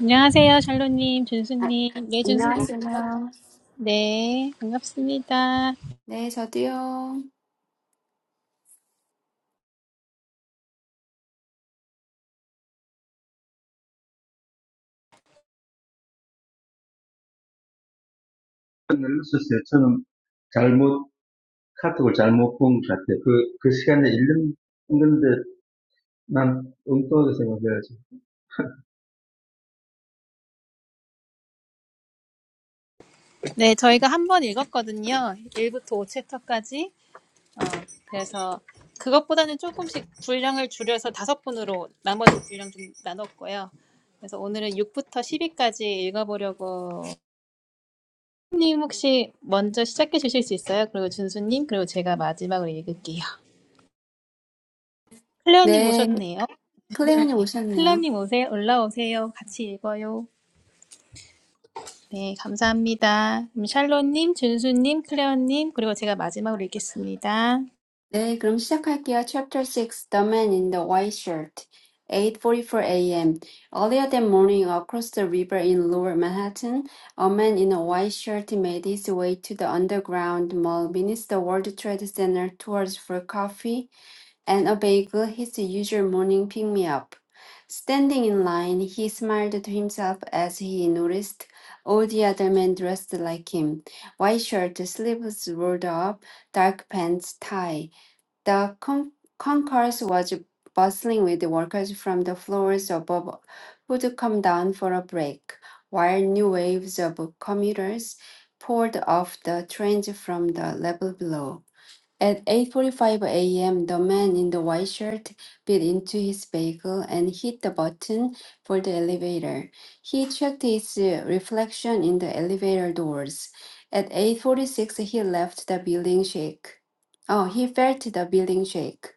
안녕하세요, 샬로님, 아, 준수님. 네, 준수님. 안녕하세요. 네, 반갑습니다. 네, 저도요. 시간을 썼어요. 저는 잘못, 카톡을 잘못 본 것 같아요. 그, 그 시간에 읽는, 읽는데 난 엉뚱하게 생각해야지. 네, 저희가 한 번 읽었거든요. 1부터 5챕터까지. 어, 그래서 그것보다는 조금씩 분량을 줄여서 다섯 분으로 나머지 분량 좀 나눴고요. 그래서 오늘은 6부터 10위까지 읽어보려고. 님 혹시 먼저 시작해 주실 수 있어요? 그리고 준수님, 그리고 제가 마지막으로 읽을게요. 클레어님 네, 오셨네요. 클레어님 오셨네요. 클레어님 오세요. 올라오세요. 같이 읽어요. 네, 감사합니다. 음, 샬롯님, 준수님, 클레어님, 그리고 제가 마지막으로 읽겠습니다. 네, 그럼 시작할게요. Chapter 6, The Man in the White Shirt. 8:44 a.m. Earlier that morning, across the river in Lower Manhattan, a man in a white shirt made his way to the underground mall beneath the World Trade Center towards for coffee and obey his usual morning pick me up. Standing in line, he smiled to himself as he noticed all the other men dressed like him white shirt, sleeves rolled up, dark pants, tie. The con- concourse was bustling with workers from the floors above who'd come down for a break, while new waves of commuters poured off the trains from the level below. At 8:45 a.m., the man in the white shirt bit into his vehicle and hit the button for the elevator. He checked his uh, reflection in the elevator doors. At 8:46, he left the building shake. Oh, he felt the building shake.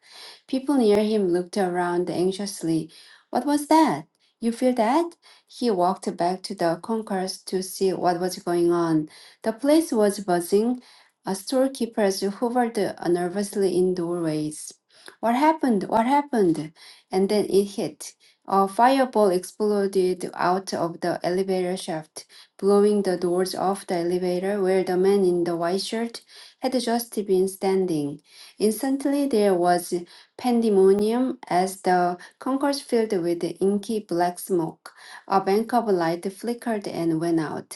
People near him looked around anxiously. What was that? You feel that? He walked back to the concourse to see what was going on. The place was buzzing uh, storekeepers hovered nervously in doorways. What happened? What happened? And then it hit. A fireball exploded out of the elevator shaft, blowing the doors off the elevator where the man in the white shirt had just been standing. Instantly, there was pandemonium as the concourse filled with inky black smoke. A bank of light flickered and went out.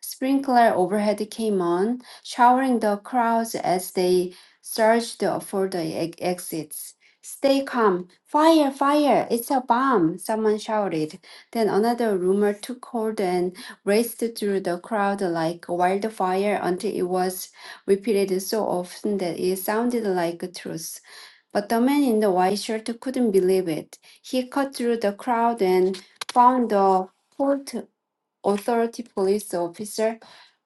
Sprinkler overhead came on, showering the crowds as they surged for the e- exits. Stay calm. Fire, fire. It's a bomb, someone shouted. Then another rumor took hold and raced through the crowd like wildfire until it was repeated so often that it sounded like a truth. But the man in the white shirt couldn't believe it. He cut through the crowd and found the port authority police officer,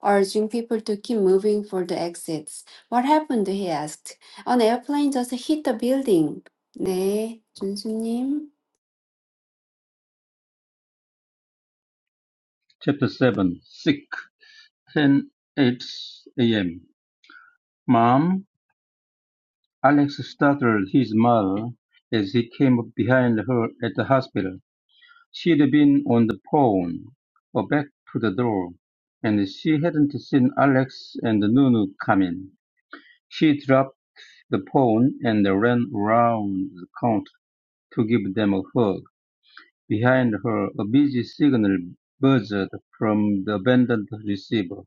urging people to keep moving for the exits. What happened? he asked. An airplane just hit the building. 네, 준수님. Chapter 7 Sick 10 a.m. Mom, Alex startled his mother as he came up behind her at the hospital. She'd been on the phone, or back to the door, and she hadn't seen Alex and Nunu come in. She dropped the phone and ran around the counter. to give them a hug. Behind her, a busy signal buzzed from the abandoned receiver.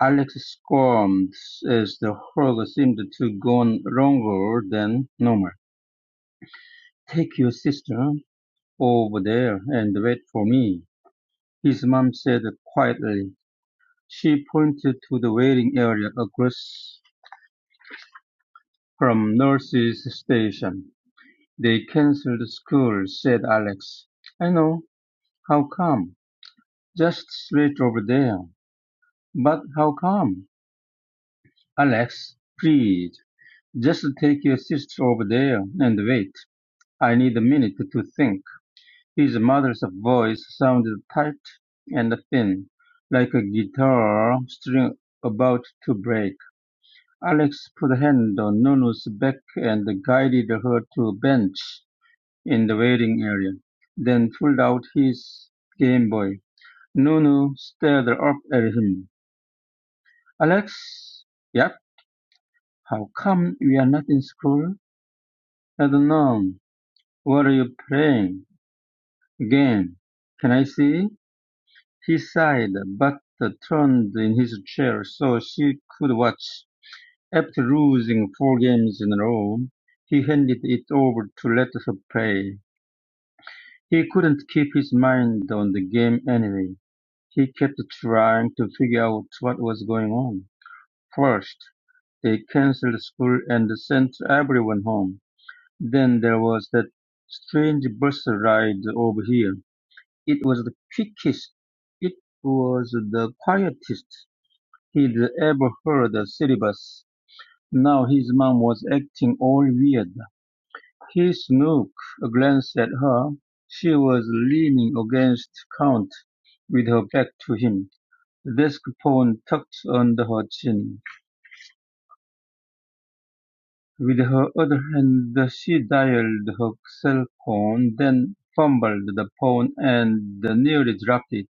Alex squirmed as the hug seemed to go on longer than normal. Take your sister over there and wait for me, his mom said quietly. She pointed to the waiting area across from nurse's station. They canceled school, said Alex. I know. How come? Just straight over there. But how come? Alex, please, just take your sister over there and wait. I need a minute to think. His mother's voice sounded tight and thin, like a guitar string about to break. Alex put a hand on Nunu's back and guided her to a bench in the waiting area, then pulled out his Game Boy. Nunu stared up at him. Alex? Yep How come we are not in school? I don't know. What are you playing? Again. Can I see? He sighed, but turned in his chair so she could watch. After losing four games in a row, he handed it over to let her play. He couldn't keep his mind on the game anyway. He kept trying to figure out what was going on. First, they canceled school and sent everyone home. Then there was that strange bus ride over here. It was the quickest, it was the quietest he'd ever heard a city bus. Now his mom was acting all weird. He snook a glance at her. She was leaning against Count with her back to him, the desk phone tucked under her chin. With her other hand she dialed her cell phone, then fumbled the phone and nearly dropped it.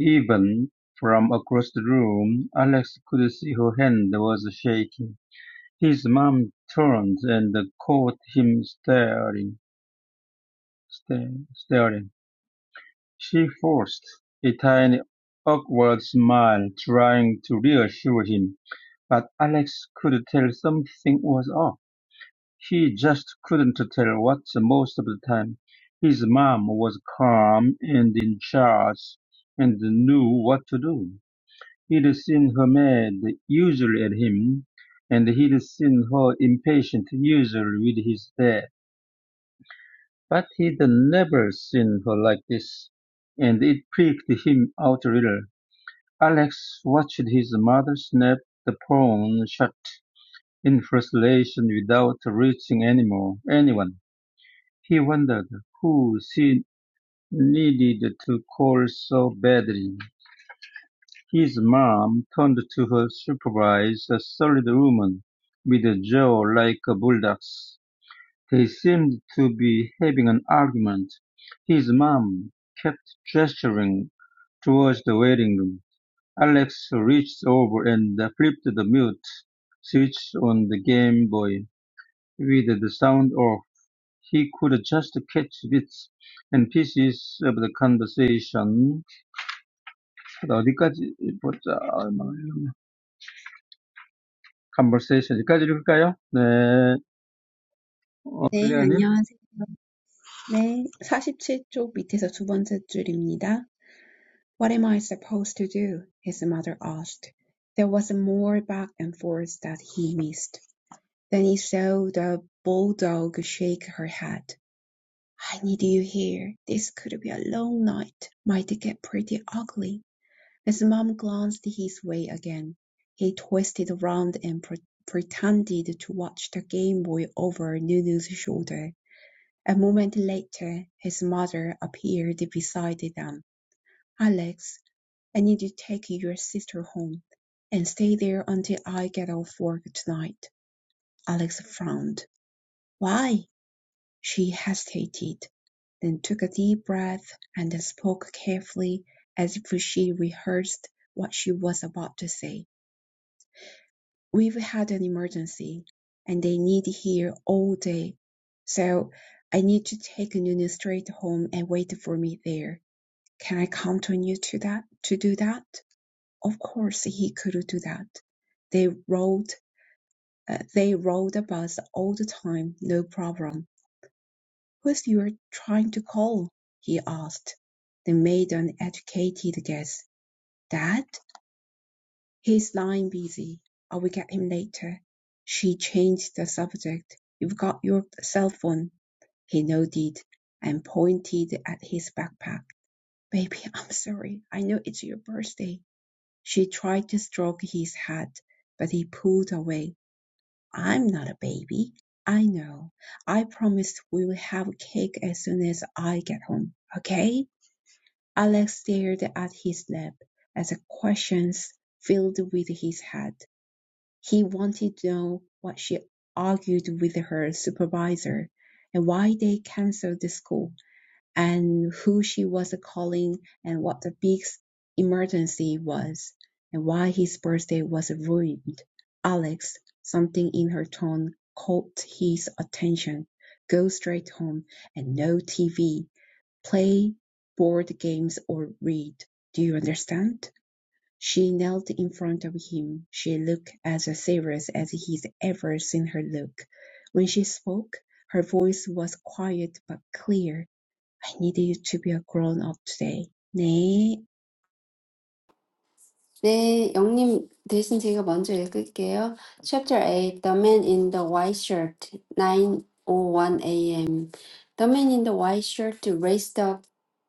Even from across the room, Alex could see her hand was shaking. His mom turned and caught him staring, staring, staring. She forced a tiny awkward smile, trying to reassure him, but Alex could tell something was off. He just couldn't tell what most of the time. His mom was calm and in charge and knew what to do. He'd seen her mad, usually at him, and he'd seen her impatient, usually with his dad. But he'd never seen her like this, and it pricked him out a little. Alex watched his mother snap the phone shut in frustration without reaching anymore, anyone. He wondered who she needed to call so badly. His mom turned to her supervise, a solid woman with a jaw like a bulldog's. They seemed to be having an argument. His mom kept gesturing towards the waiting room. Alex reached over and flipped the mute switch on the Game Boy with the sound off. He could just catch bits and pieces of the conversation. 어디까지 보자. conversation. 여기까지 읽을까요? 네. 어, 네, 클레어님. 안녕하세요. 네, 47쪽 밑에서 두 번째 줄입니다. What am I supposed to do? His mother asked. There was more back and forth that he missed. Then he saw the bulldog shake her head. I need you here. This could be a long night. Might get pretty ugly. His mom glanced his way again. He twisted around and pre- pretended to watch the Game Boy over Nunu's shoulder. A moment later, his mother appeared beside them. "Alex, I need to take your sister home and stay there until I get off work tonight." Alex frowned. "Why?" She hesitated, then took a deep breath and spoke carefully as if she rehearsed what she was about to say. "We've had an emergency, and they need here all day, so I need to take Nunu straight home and wait for me there. Can I count on you to that to do that? Of course he could do that. They rode uh, they rode the bus all the time, no problem. Who's you trying to call? he asked. They made an educated guess. Dad? He's lying busy. I will get him later. She changed the subject. You've got your cell phone. He nodded and pointed at his backpack. Baby, I'm sorry. I know it's your birthday. She tried to stroke his head, but he pulled away. "I'm not a baby. I know. I promised we'll have cake as soon as I get home. Okay?" Alex stared at his lap as the questions filled with his head. He wanted to know what she argued with her supervisor and why they canceled the school and who she was calling and what the big emergency was and why his birthday was ruined. Alex, something in her tone caught his attention. Go straight home and no TV. Play board games or read. Do you understand? She knelt in front of him. She looked as serious as he's ever seen her look. When she spoke, her voice was quiet but clear I need you to be a grown up today. 네. 네, 영님 대신 제가 먼저 읽을게요. Chapter 8, The Man in the White Shirt, 9:01 a.m. The man in the white shirt raced up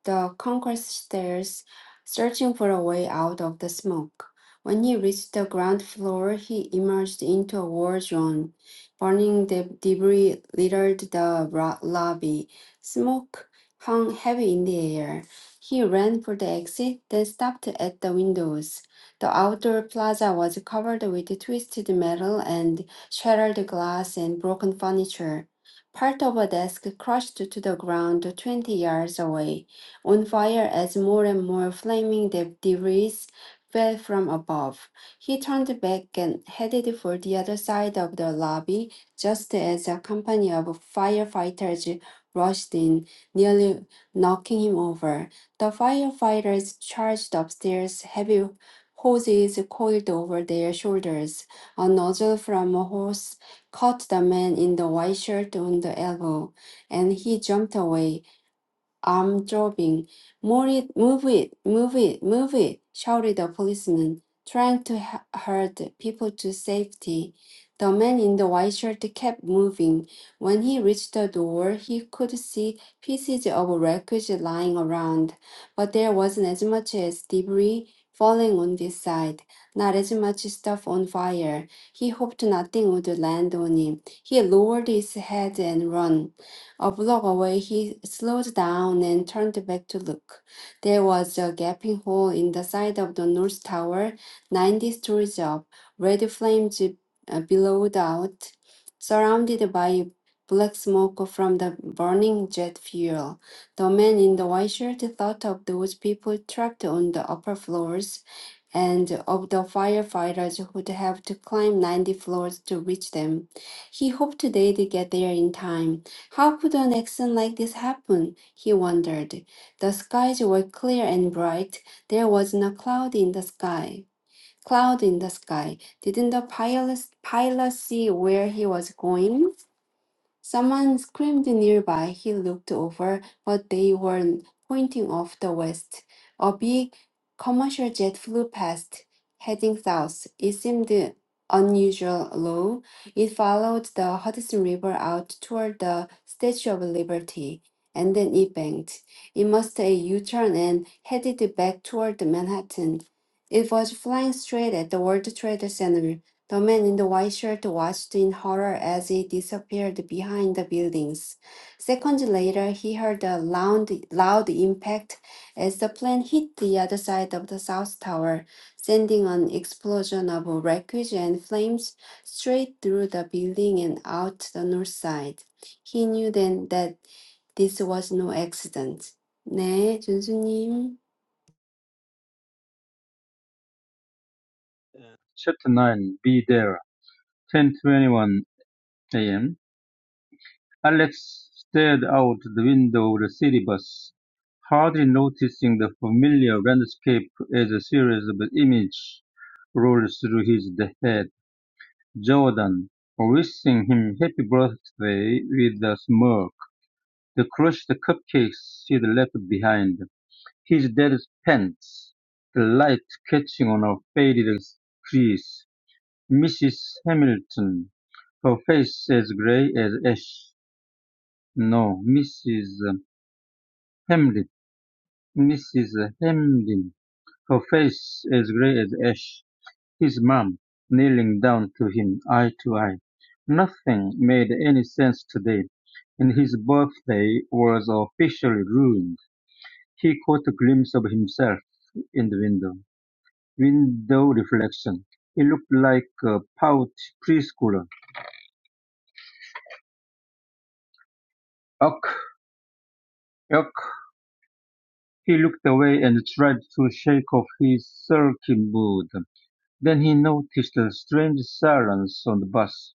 the concrete stairs, searching for a way out of the smoke. When he reached the ground floor, he emerged into a war zone. Burning de- debris littered the ro- lobby. Smoke hung heavy in the air. He ran for the exit, then stopped at the windows. The outdoor plaza was covered with twisted metal and shattered glass and broken furniture. Part of a desk crashed to the ground 20 yards away, on fire as more and more flaming de- debris fell from above. He turned back and headed for the other side of the lobby just as a company of firefighters rushed in, nearly knocking him over. The firefighters charged upstairs, heavy horses coiled over their shoulders. A nozzle from a horse caught the man in the white shirt on the elbow, and he jumped away arm throbbing. Move it, move it, move it, move it, shouted the policeman, trying to h- herd people to safety. The man in the white shirt kept moving. When he reached the door, he could see pieces of wreckage lying around, but there wasn't as much as debris falling on this side, not as much stuff on fire. He hoped nothing would land on him. He lowered his head and ran. A block away, he slowed down and turned back to look. There was a gaping hole in the side of the North Tower, 90 stories up, red flames uh, billowed out, surrounded by black smoke from the burning jet fuel. The man in the white shirt thought of those people trapped on the upper floors and of the firefighters who'd have to climb 90 floors to reach them. He hoped they'd get there in time. How could an accident like this happen? He wondered. The skies were clear and bright. There wasn't a cloud in the sky. Cloud in the sky. Didn't the pilot, pilot see where he was going? Someone screamed nearby. He looked over, but they were pointing off the west. A big commercial jet flew past, heading south. It seemed unusual low. It followed the Hudson River out toward the Statue of Liberty, and then it banked. It must a U-turn and headed back toward Manhattan. It was flying straight at the World Trade Center the man in the white shirt watched in horror as it disappeared behind the buildings. Seconds later, he heard a loud, loud impact as the plane hit the other side of the South Tower, sending an explosion of wreckage and flames straight through the building and out the north side. He knew then that this was no accident. 네, 준수님. Chapter 9. Be there. 10:21 a.m. Alex stared out the window of the city bus, hardly noticing the familiar landscape as a series of images rolled through his head. Jordan, wishing him happy birthday with a smirk, the crushed cupcakes she'd left behind, his dad's pants, the light catching on her faded crease, Mrs. Hamilton, her face as gray as ash. No, Mrs. Hamlin, Mrs. Hamlin, her face as gray as ash. His mum, kneeling down to him eye to eye. Nothing made any sense today, and his birthday was officially ruined. He caught a glimpse of himself in the window. Window reflection. He looked like a pouty preschooler. Ugh, ugh. He looked away and tried to shake off his sulky mood. Then he noticed a strange silence on the bus.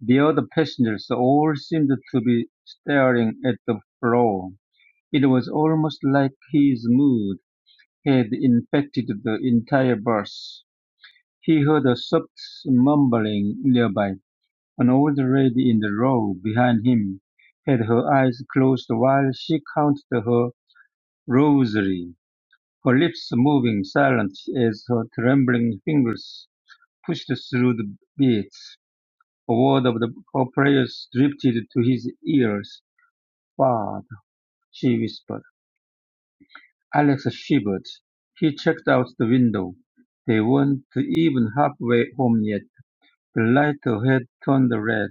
The other passengers all seemed to be staring at the floor. It was almost like his mood had infected the entire bus. He heard a soft mumbling nearby. An old lady in the row behind him had her eyes closed while she counted her rosary, her lips moving silent as her trembling fingers pushed through the beads. A word of the, her prayers drifted to his ears. "Bart," she whispered, Alex shivered. He checked out the window. They weren't even halfway home yet. The light ahead turned red.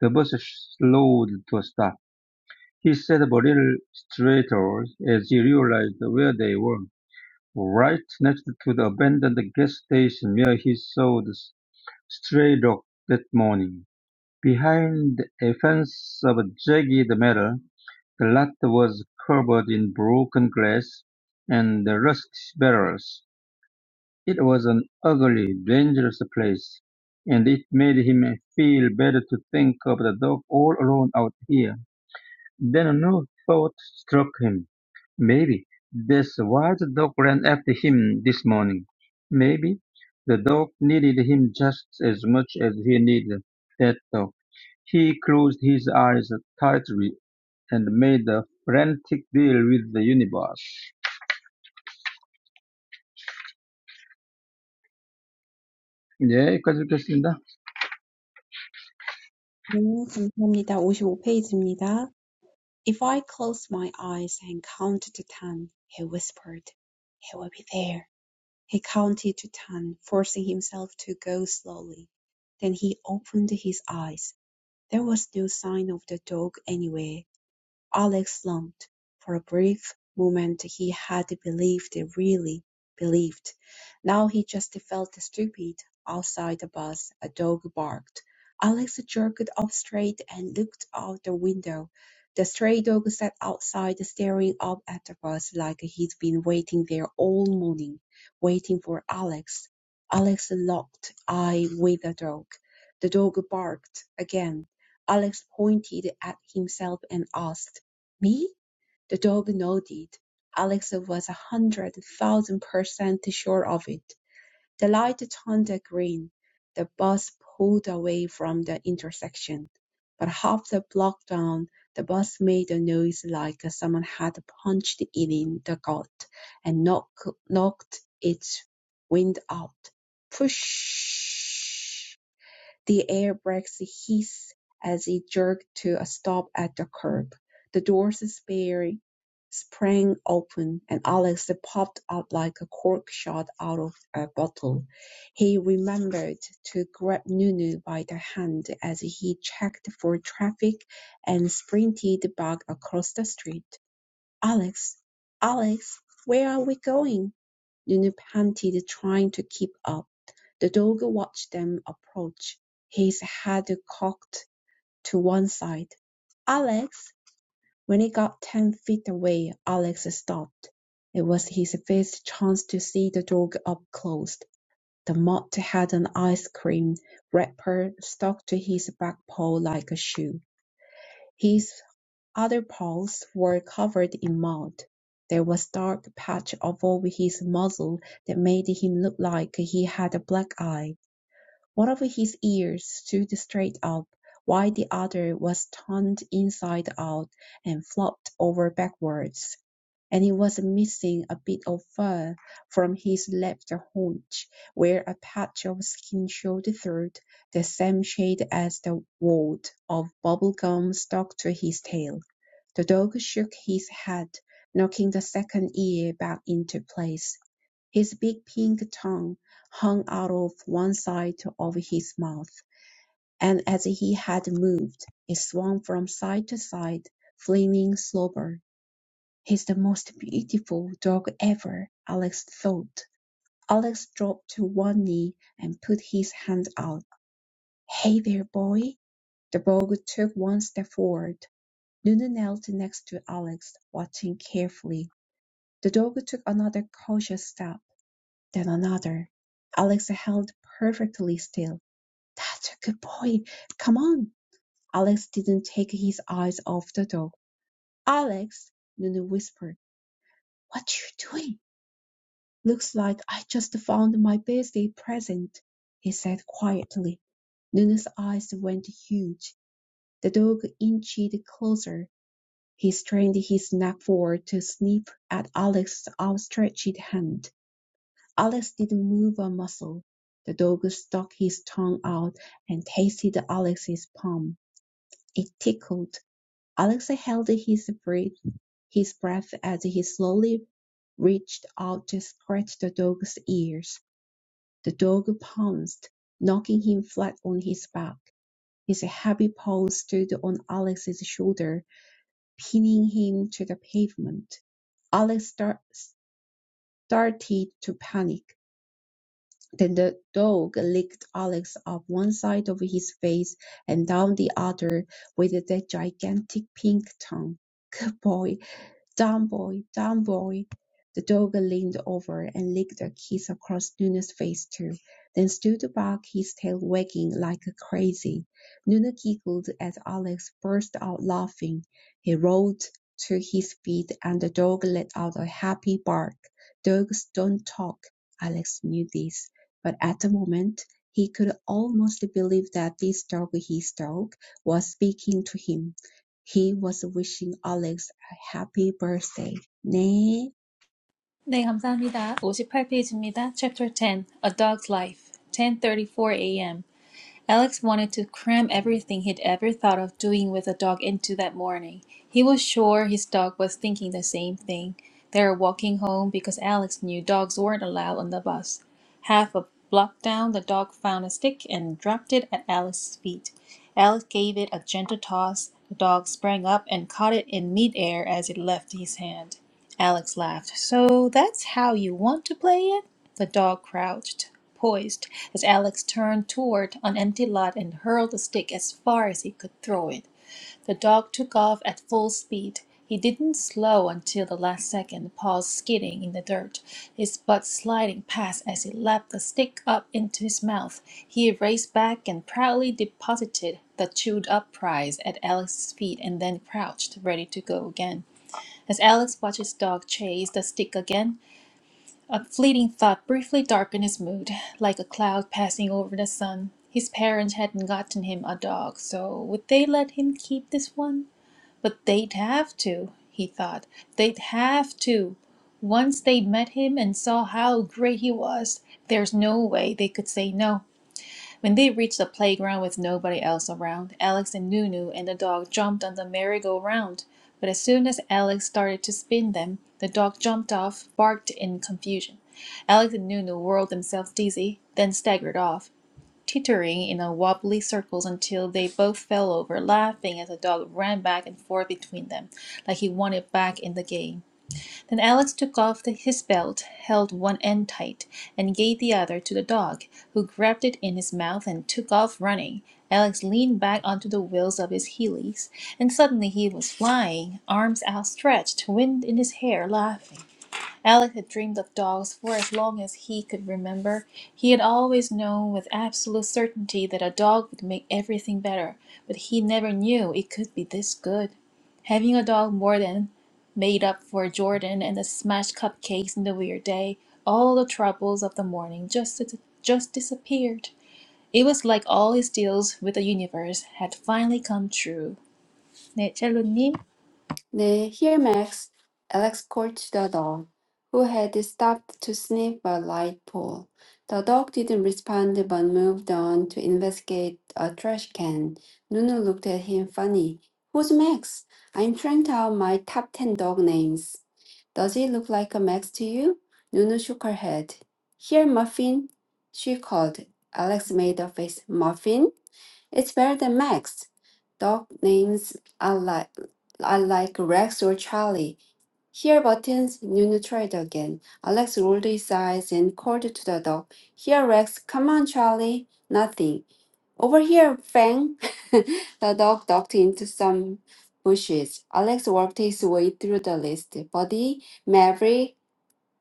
The bus slowed to a stop. He sat up a little straighter as he realized where they were. Right next to the abandoned gas station where he saw the stray dog that morning. Behind a fence of jagged metal, The lot was covered in broken glass and rust-barrels. It was an ugly, dangerous place, and it made him feel better to think of the dog all alone out here. Then a new thought struck him. Maybe that's why the dog ran after him this morning. Maybe the dog needed him just as much as he needed that dog. He closed his eyes tightly and made a frantic deal with the universe. 네, 여기까지 읽겠습니다. 네, 감사합니다. 오십오 페이지입니다. If I close my eyes and count to ten, he whispered, he will be there. He counted to ten, forcing himself to go slowly. Then he opened his eyes. There was no sign of the dog anywhere. Alex longed. For a brief moment he had believed, really believed. Now he just felt stupid. Outside the bus, a dog barked. Alex jerked up straight and looked out the window. The stray dog sat outside staring up at the bus like he'd been waiting there all morning, waiting for Alex. Alex locked eye with the dog. The dog barked again. Alex pointed at himself and asked, me? The dog nodded. Alex was a hundred thousand percent sure of it. The light turned green. The bus pulled away from the intersection. But half the block down, the bus made a noise like someone had punched it in the gut and knock, knocked its wind out. Push! The air brakes hiss as it jerked to a stop at the curb. The doors spare- sprang open, and Alex popped out like a cork shot out of a bottle. He remembered to grab Nunu by the hand as he checked for traffic and sprinted back across the street. "Alex, Alex, where are we going?" Nunu panted, trying to keep up. The dog watched them approach, his head cocked to one side. Alex! When it got ten feet away, Alex stopped. It was his first chance to see the dog up close. The mutt had an ice cream wrapper stuck to his back paw like a shoe. His other paws were covered in mud. There was a dark patch over his muzzle that made him look like he had a black eye. One of his ears stood straight up, while the other was turned inside out and flopped over backwards and he was missing a bit of fur from his left haunch, where a patch of skin showed through, the same shade as the wad of bubble gum stuck to his tail. The dog shook his head, knocking the second ear back into place. His big pink tongue hung out of one side of his mouth, and as he had moved, it swung from side to side, flinging slobber "He's the most beautiful dog ever," Alex thought. Alex dropped to one knee and put his hand out. "Hey there, boy!" The dog took one step forward. Luna knelt next to Alex, watching carefully. The dog took another cautious step, then another. Alex held perfectly still. "That's a good boy. Come on." Alex didn't take his eyes off the dog. "Alex!" Luna whispered. "What you doing?" "Looks like I just found my birthday present," he said quietly. Nona's eyes went huge. The dog inched closer. He strained his neck forward to sniff at Alex's outstretched hand. Alex didn't move a muscle. The dog stuck his tongue out and tasted Alex's palm. It tickled. Alex held his breath, his breath as he slowly reached out to scratch the dog's ears. The dog pounced, knocking him flat on his back. His heavy paw stood on Alex's shoulder, pinning him to the pavement. Alex star- started to panic. Then the dog licked Alex up one side of his face and down the other with that gigantic pink tongue. Good boy, Down, boy! Down, boy! The dog leaned over and licked a kiss across Nuna's face too, then stood to bark, his tail wagging like crazy. Nuna giggled as Alex burst out laughing. He rolled to his feet and the dog let out a happy bark. Dogs don't talk. Alex knew this, but at the moment, he could almost believe that this dog, his dog, was speaking to him. He was wishing Alex Happy birthday. 네. 네, 감사합니다. 58페이지입니다. Chapter 10, A Dog's Life, 10:34 a.m. Alex wanted to cram everything he'd ever thought of doing with the dog into that morning. He was sure his dog was thinking the same thing. They were walking home because Alex knew dogs weren't allowed on the bus. Half a block down, the dog found a stick and dropped it at Alex's feet. Alex gave it a gentle toss. The dog sprang up and caught it in midair as it left his hand. Alex laughed. So that's how you want to play it? The dog crouched, poised, as Alex turned toward an empty lot and hurled the stick as far as he could throw it. The dog took off at full speed. He didn't slow until the last second, paws skidding in the dirt, his butt sliding past as he lapped the stick up into his mouth. He raced back and proudly deposited the chewed up prize at Alex's feet and then crouched, ready to go again. As Alex watched his dog chase the stick again, a fleeting thought briefly darkened his mood, like a cloud passing over the sun. His parents hadn't gotten him a dog, so would they let him keep this one? But they'd have to, he thought. They'd have to. Once they met him and saw how great he was, there's no way they could say no. When they reached the playground with nobody else around, Alex and Nunu and the dog jumped on the merry-go-round. But as soon as Alex started to spin them, the dog jumped off, barked in confusion. Alex and Nunu whirled themselves dizzy, then staggered off, teetering in a wobbly circles until they both fell over, laughing as the dog ran back and forth between them, like he wanted back in the game. Then Alex took off the, his belt, held one end tight, and gave the other to the dog, who grabbed it in his mouth and took off running. Alex leaned back onto the wheels of his Heelys, and suddenly he was flying, arms outstretched, wind in his hair, laughing. Alec had dreamed of dogs for as long as he could remember. He had always known with absolute certainty that a dog would make everything better, but he never knew it could be this good. Having a dog more than made up for Jordan and the smashed cupcakes in the weird day. All the troubles of the morning just just disappeared. It was like all his deals with the universe had finally come true. 네, 첼로님. 네, here Max, Alex called the dog, who had stopped to sniff a light pole. The dog didn't respond but moved on to investigate a trash can. Nunu looked at him funny. Who's Max? I'm trying out my top 10 dog names. Does he look like a Max to you? Nunu shook her head. Here, Muffin, she called. Alex made a face. Muffin? It's better than Max. Dog names are like are like Rex or Charlie. Here, Buttons, Nunu tried again. Alex rolled his eyes and called to the dog. Here, Rex, come on, Charlie. Nothing. Over here, Fang. the dog ducked into some bushes. Alex worked his way through the list. Buddy, Maverick,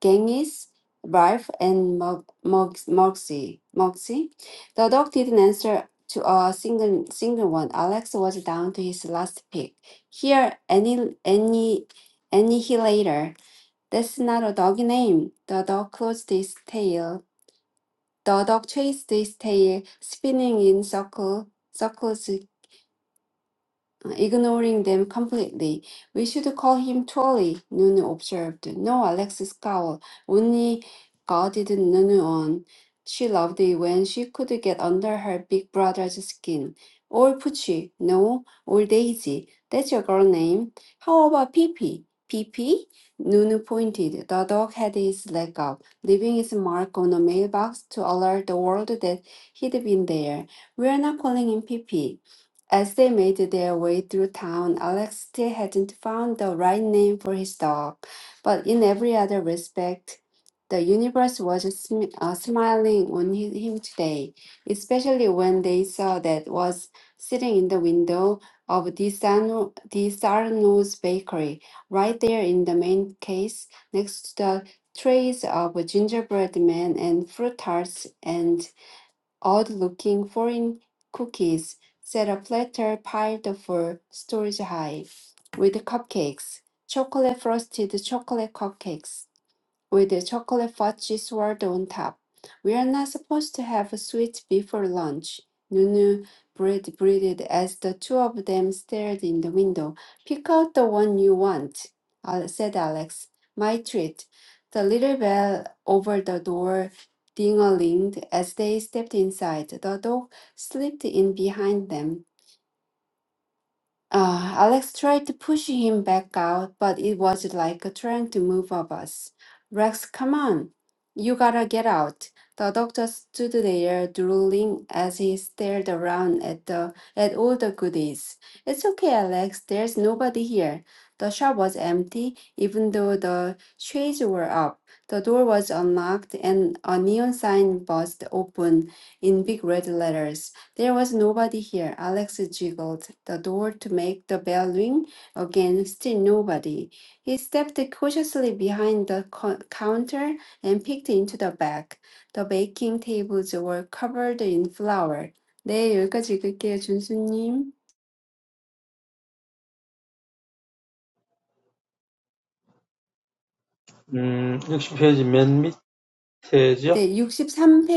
Genghis, Ralph, and Mo- Mox- Moxie. Moxie. The dog didn't answer to a single single one. Alex was down to his last pick. Here, any any annihilator. That's not a dog name. The dog closed his tail. The dog chased his tail, spinning in circle, circles uh, ignoring them completely. We should call him Tolly, Nunu observed. No, Alexis scowled. Only guarded Nunu on. She loved it when she could get under her big brother's skin. Or Pucci, no, or Daisy. That's your girl name. How about Pippi? Pippi? Nunu pointed. The dog had his leg up, leaving his mark on a mailbox to alert the world that he'd been there. We're not calling him Pippi. As they made their way through town, Alex still hadn't found the right name for his dog, but in every other respect, the universe was sm- uh, smiling on hi- him today, especially when they saw that was sitting in the window of DiSarno- DiSarno's bakery, right there in the main case, next to the trays of gingerbread men and fruit tarts and odd looking foreign cookies set a platter piled for storage high with cupcakes, chocolate frosted chocolate cupcakes with the chocolate fudge swirled on top. We are not supposed to have a sweet before lunch. Nunu breathed, breathed as the two of them stared in the window. Pick out the one you want, Al- said Alex. My treat. The little bell over the door ding-a-linged as they stepped inside. The dog slipped in behind them. Uh, Alex tried to push him back out, but it was like trying to move a bus. Rex, come on. You gotta get out. The doctor stood there drooling as he stared around at the at all the goodies. It's okay, Alex. There's nobody here. The shop was empty, even though the shades were up. The door was unlocked and a neon sign buzzed open in big red letters. There was nobody here. Alex jiggled the door to make the bell ring again. Still nobody. He stepped cautiously behind the co- counter and peeked into the back. The baking tables were covered in flour. 네, 여기까지 읽을게요, 준수님. 음, 60페이지 맨 밑에죠. 네,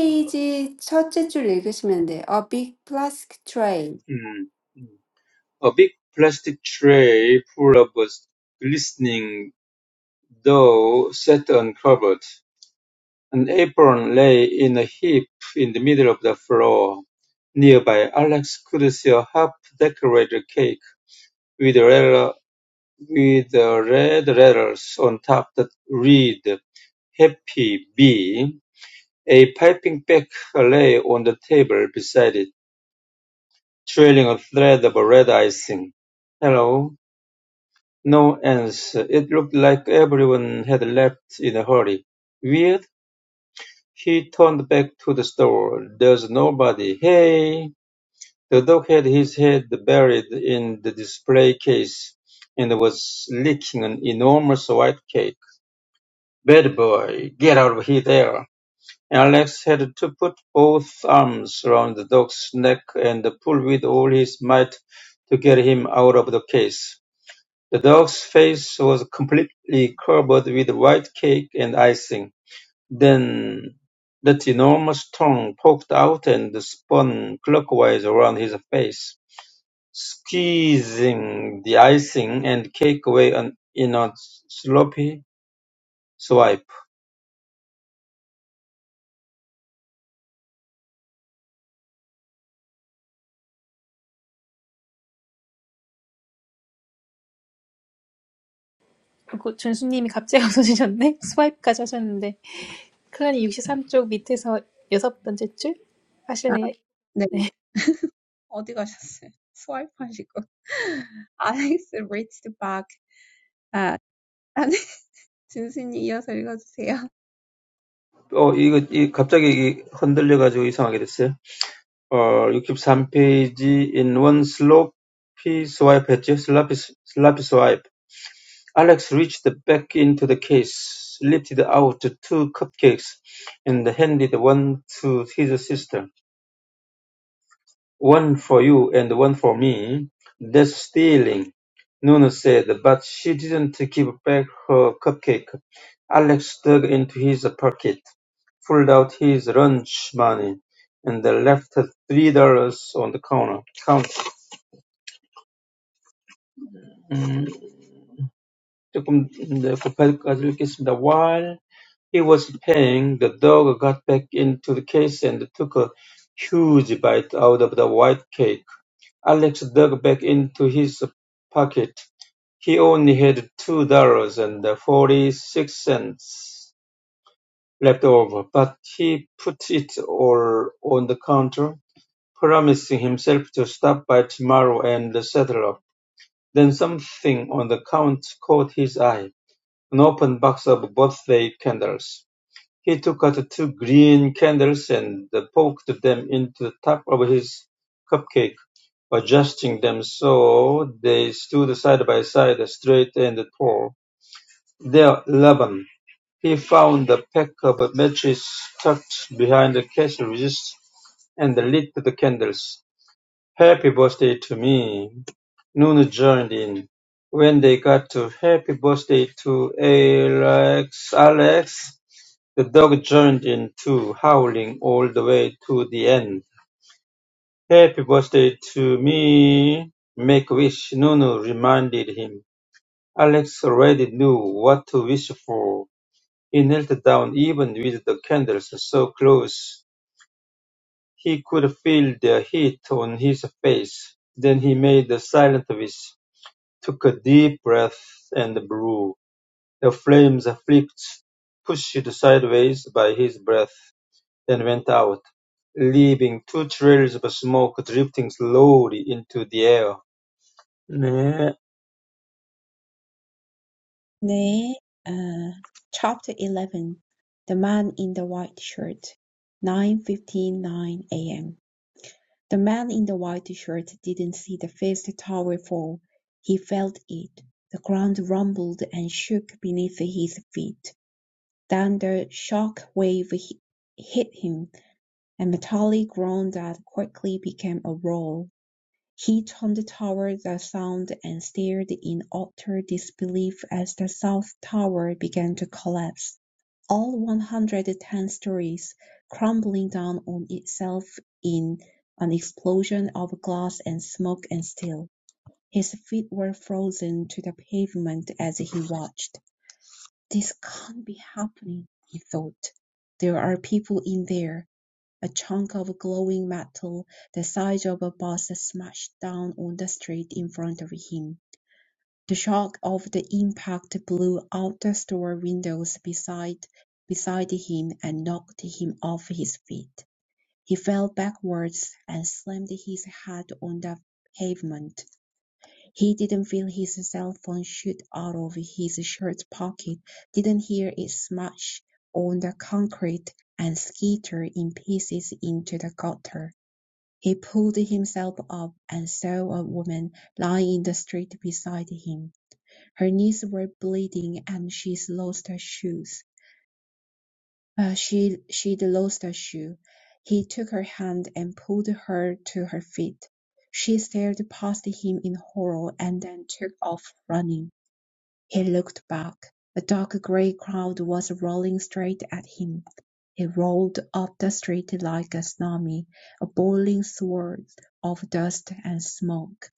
어, 첫째 줄 읽으시면 돼요. A big plastic tray. 음, 음. A big plastic tray full of glistening dough sat uncovered. An apron lay in a heap in the middle of the floor. Nearby, Alex could see a half-decorated cake with red, with red letters on top that read "Happy Bee", a piping back lay on the table beside it, trailing a thread of red icing. "Hello." No answer. It looked like everyone had left in a hurry. Weird. He turned back to the store. There's nobody. "Hey!" The dog had his head buried in the display case and was licking an enormous white cake. "Bad boy! Get out of here!" there. Alex had to put both arms round the dog's neck and pull with all his might to get him out of the case. The dog's face was completely covered with white cake and icing. Then that enormous tongue poked out and spun clockwise around his face, squeezing the icing and cake away on, in a sloppy swipe. 그리고 준수님이 갑자기 없어지셨네. 스와이프까지 하셨는데. 클라님 육십삼 쪽 밑에서 여섯 번째 줄 아, 하실래요? 네. 어디 가셨어요? 스와이프하시고. Alex reached back. 아, 아니, 준수님 이어서 읽어주세요. Oh, it- a sloppy swipe. lyrics in the song "One for and One for Me" that's stealing Nunez but she did not give back her cupcake. Alex dug into his pocket, pulled out his lunch money, and left three dollars on the counter. Counter. 음, 조금 네, 곱하기까지 읽겠습니다. While he was paying, the dog got back into the case and took a huge bite out of the white cake. Alex dug back into his pocket. He only had two dollars and forty-six cents left over, but he put it all on the counter, promising himself to stop by tomorrow and settle up. Then something on the counter caught his eye, an open box of birthday candles. He took out two green candles and poked them into the top of his cupcake. Adjusting them so they stood side by side, straight and tall. There, Laban, he found a pack of matches tucked behind the castle resist and lit the candles. Happy birthday to me. Noon joined in. When they got to happy birthday to Alex, Alex, the dog joined in too, howling all the way to the end. Happy birthday to me. Make wish, Nunu reminded him. Alex already knew what to wish for. He knelt down even with the candles so close. He could feel their heat on his face. Then he made a silent wish, took a deep breath and blew. The flames flicked, pushed sideways by his breath, then went out, leaving two trails of smoke drifting slowly into the air. 네, 네. Uh, chapter 11. The man in the white shirt. 9:59 a.m. The man in the white shirt didn't see the first tower fall. He felt it. The ground rumbled and shook beneath his feet. Then the shock wave hit him, a metallic groan that quickly became a roar. He turned toward the sound and stared in utter disbelief as the South Tower began to collapse, all 110 stories crumbling down on itself in an explosion of glass and smoke and steel. His feet were frozen to the pavement as he watched. This can't be happening, he thought. There are people in there. A chunk of glowing metal, the size of a bus, smashed down on the street in front of him. The shock of the impact blew out the store windows beside, beside him and knocked him off his feet. He fell backwards and slammed his head on the pavement. He didn't feel his cell phone shoot out of his shirt pocket, didn't hear it smash on the concrete and skitter in pieces into the gutter. He pulled himself up and saw a woman lying in the street beside him. Her knees were bleeding and she'd lost her shoes. Uh, she, she'd lost her shoe. He took her hand and pulled her to her feet. She stared past him in horror and then took off running. He looked back. A dark grey crowd was rolling straight at him. It rolled up the street like a tsunami, a boiling swirl of dust and smoke,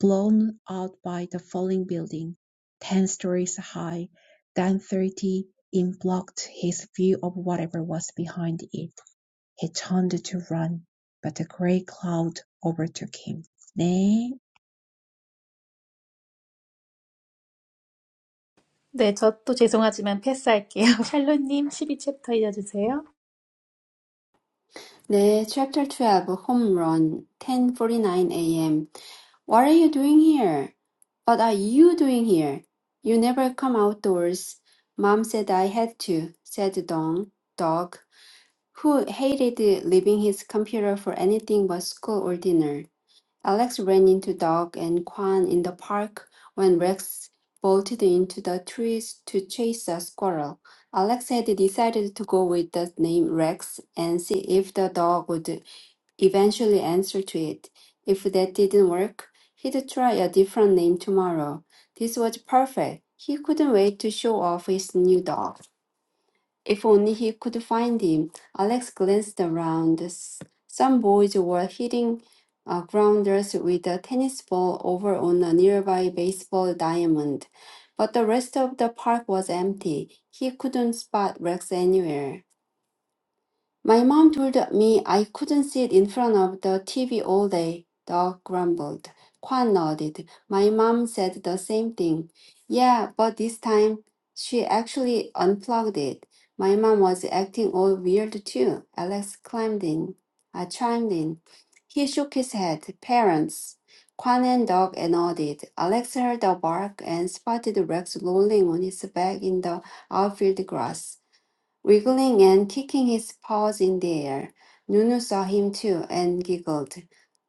blown out by the falling building, ten stories high, then thirty. It blocked his view of whatever was behind it. He turned to run, but the grey cloud overtook him. 네, 네, 저 또 죄송하지만 패스할게요. 샬롯님 십이 챕터 이어주세요. 네, chapter 12, home run, 10:49 a.m. What are you doing here? What are you doing here? You never come outdoors. Mom said I had to, said Dong, dog, who hated leaving his computer for anything but school or dinner. Alex ran into Dog and Kwan in the park when Rex bolted into the trees to chase a squirrel. Alex had decided to go with the name Rex and see if the dog would eventually answer to it. If that didn't work, he'd try a different name tomorrow. This was perfect. He couldn't wait to show off his new dog. If only he could find him. Alex glanced around. S- Some boys were hitting uh, grounders with a tennis ball over on a nearby baseball diamond, but the rest of the park was empty. He couldn't spot Rex anywhere. My mom told me I couldn't sit in front of the TV all day, Doc grumbled. Kwan nodded. My mom said the same thing. Yeah, but this time she actually unplugged it. My mom was acting all weird too. Alex climbed in. I chimed in. He shook his head. Parents. Kwan and Doc nodded. Alex heard a bark and spotted Rex rolling on his back in the outfield grass. Wriggling and kicking his paws in the air, Nunu saw him too and giggled.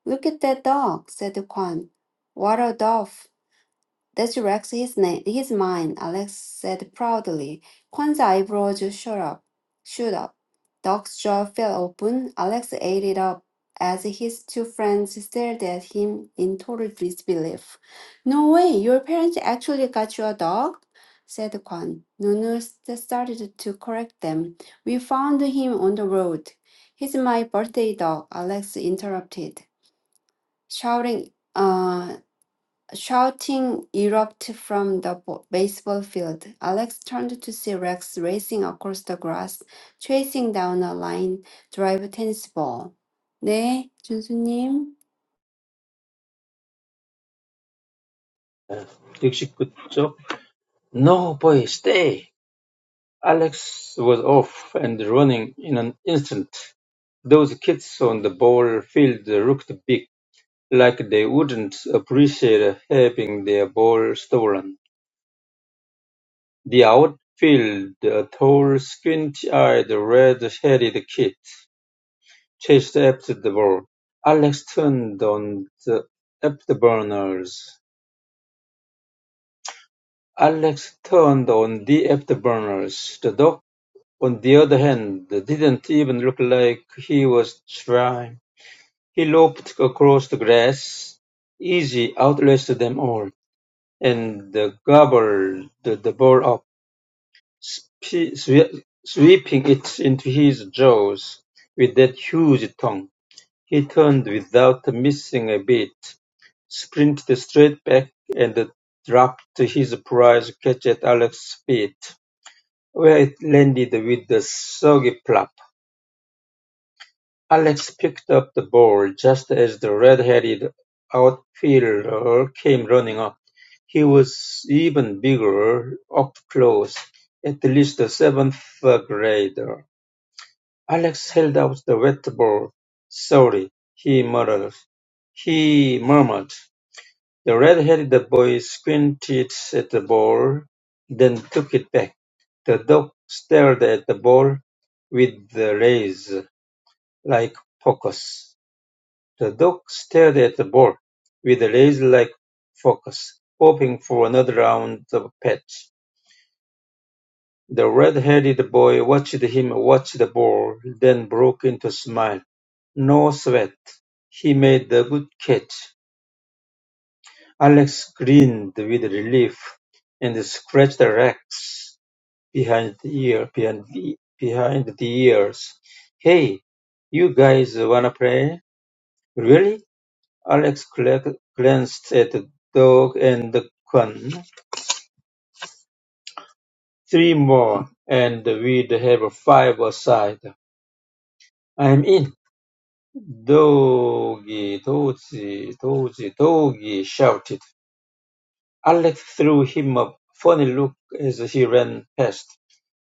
Look at that dog, said Kwan. What a doff! That wrecks his name, his mind, Alex said proudly. Juan's eyebrows shot up, shoot up. Doc's jaw fell open. Alex ate it up as his two friends stared at him in total disbelief. No way, your parents actually got you a dog? said Quan. Nunu st- started to correct them. We found him on the road. He's my birthday dog, Alex interrupted, shouting "Uh." Shouting erupted from the bo- baseball field. Alex turned to see Rex racing across the grass, chasing down a line drive tennis ball. 네, 준수님. Dixie could talk. No, boy, stay. Alex was off and running in an instant. Those kids on the ball field looked big, like they wouldn't appreciate having their ball stolen. The outfield, a tall, squinty-eyed, red-headed kid, chased after the ball. Alex turned on the afterburners. Alex turned on the afterburners. The dog. On the other hand, it didn't even look like he was trying. He loped across the grass. Easy outlasted them all and gobbled the ball up, sweeping it into his jaws with that huge tongue. He turned without missing a beat, sprinted straight back, and dropped his prize catch at Alex's feet, where it landed with a soggy plop. Alex picked up the ball just as the red-headed outfielder came running up. He was even bigger up close, at least a seventh grader. Alex held out the wet ball. Sorry, he muttered. He murmured. The red-headed boy squinted at the ball, then took it back. The dog stared at the ball with the rays like focus. The dog stared at the ball with a laser-like focus, hoping for another round of pets. The red-headed boy watched him watch the ball, then broke into a smile. No sweat. He made a good catch. Alex grinned with relief and scratched the racks behind the ear behind the, behind the ears. Hey, you guys wanna play? Really? Alex cla- glanced at the dog and Quan. Three more, and we'd have five aside. I'm in. Doggy, doggy, doggy, doggy, shouted. Alex threw him a funny look as he ran past.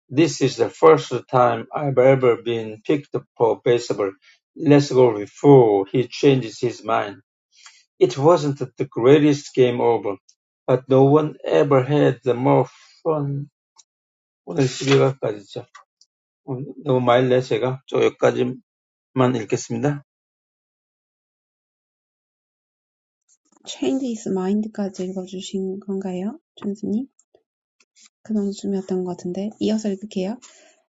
This is the first time I've ever been picked for baseball. Let's go before he changes his mind. It wasn't the greatest game over, but no one ever had the more fun. 오늘 11월까지죠. 너무 말래 제가 저 여기까지만 읽겠습니다. Change is Mind까지 읽어주신 건가요, 준수님? 그런 웃음이었던 것 같은데 이어서 읽을게요.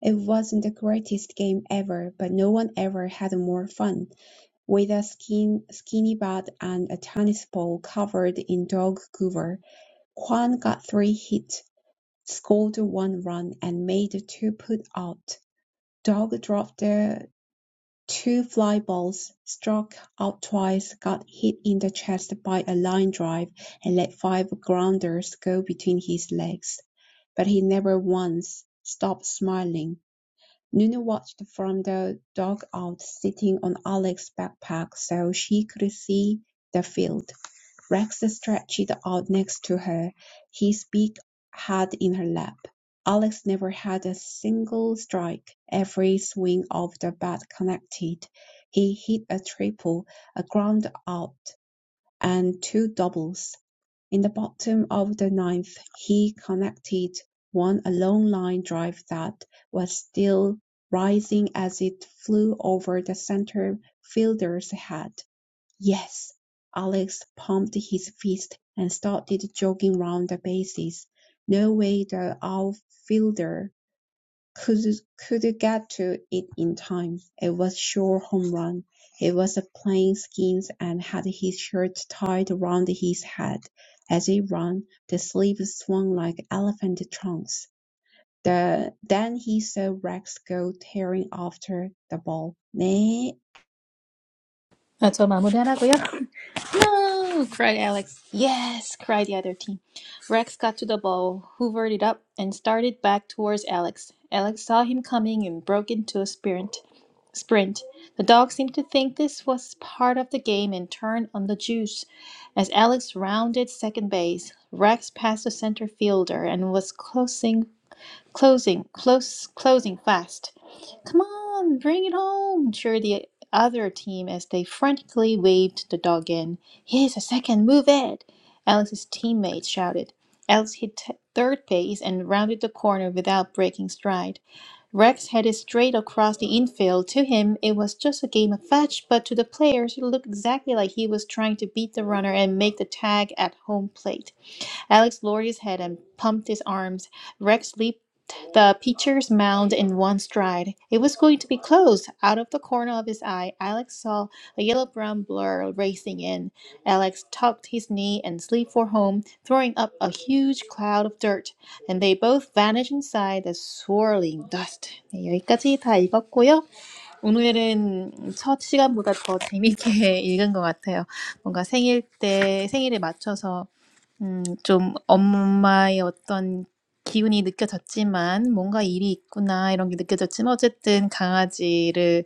It wasn't the greatest game ever, but no one ever had more fun. With a skin, skinny bat and a tennis ball covered in dog cover, Kwan got three hits, scored one run, and made two put out. Dog dropped the Two fly balls, struck out twice, got hit in the chest by a line drive and let five grounders go between his legs. But he never once stopped smiling. Nuna watched from the dugout sitting on Alex's backpack so she could see the field. Rex stretched out next to her, his big head in her lap. Alex never had a single strike. Every swing of the bat connected. He hit a triple, a ground out, and two doubles. In the bottom of the ninth, he connected one a long line drive that was still rising as it flew over the center fielder's head. Yes! Alex pumped his fist and started jogging round the bases. No way the outfielder could could get to it in time. It was sure home run. He was playing skins and had his shirt tied round his head. As he ran, the sleeves swung like elephant trunks. The, then he saw Rex go tearing after the ball. 네, 아, 저 마무리하라고요? No! cried Alex. Yes! cried the other team. Rex got to the ball, hoovered it up, and started back towards Alex. Alex saw him coming and broke into a sprint. Sprint. The dog seemed to think this was part of the game and turned on the juice. As Alex rounded second base, Rex passed the center fielder and was closing, closing, close, closing fast. Come on, bring it home! cheered the other team as they frantically waved the dog in. Here's a second, move it! Alex's teammates shouted. Alex hit t- third base and rounded the corner without breaking stride. Rex headed straight across the infield. To him, it was just a game of fetch, but to the players, it looked exactly like he was trying to beat the runner and make the tag at home plate. Alex lowered his head and pumped his arms. Rex leaped the pitcher's mound in one stride. It was going to be closed. Out of the corner of his eye, Alex saw a yellow brown blur racing in. Alex tucked his knee and slid for home, throwing up a huge cloud of dirt, and they both vanished inside the swirling dust. 네, 여기까지 다 읽었고요. 오늘은 첫 시간보다 더 재밌게 읽은 것 같아요. 뭔가 생일 때, 생일에 맞춰서 음, 좀 엄마의 어떤 기운이 느껴졌지만 뭔가 일이 있구나 이런 게 느껴졌지만 어쨌든 강아지를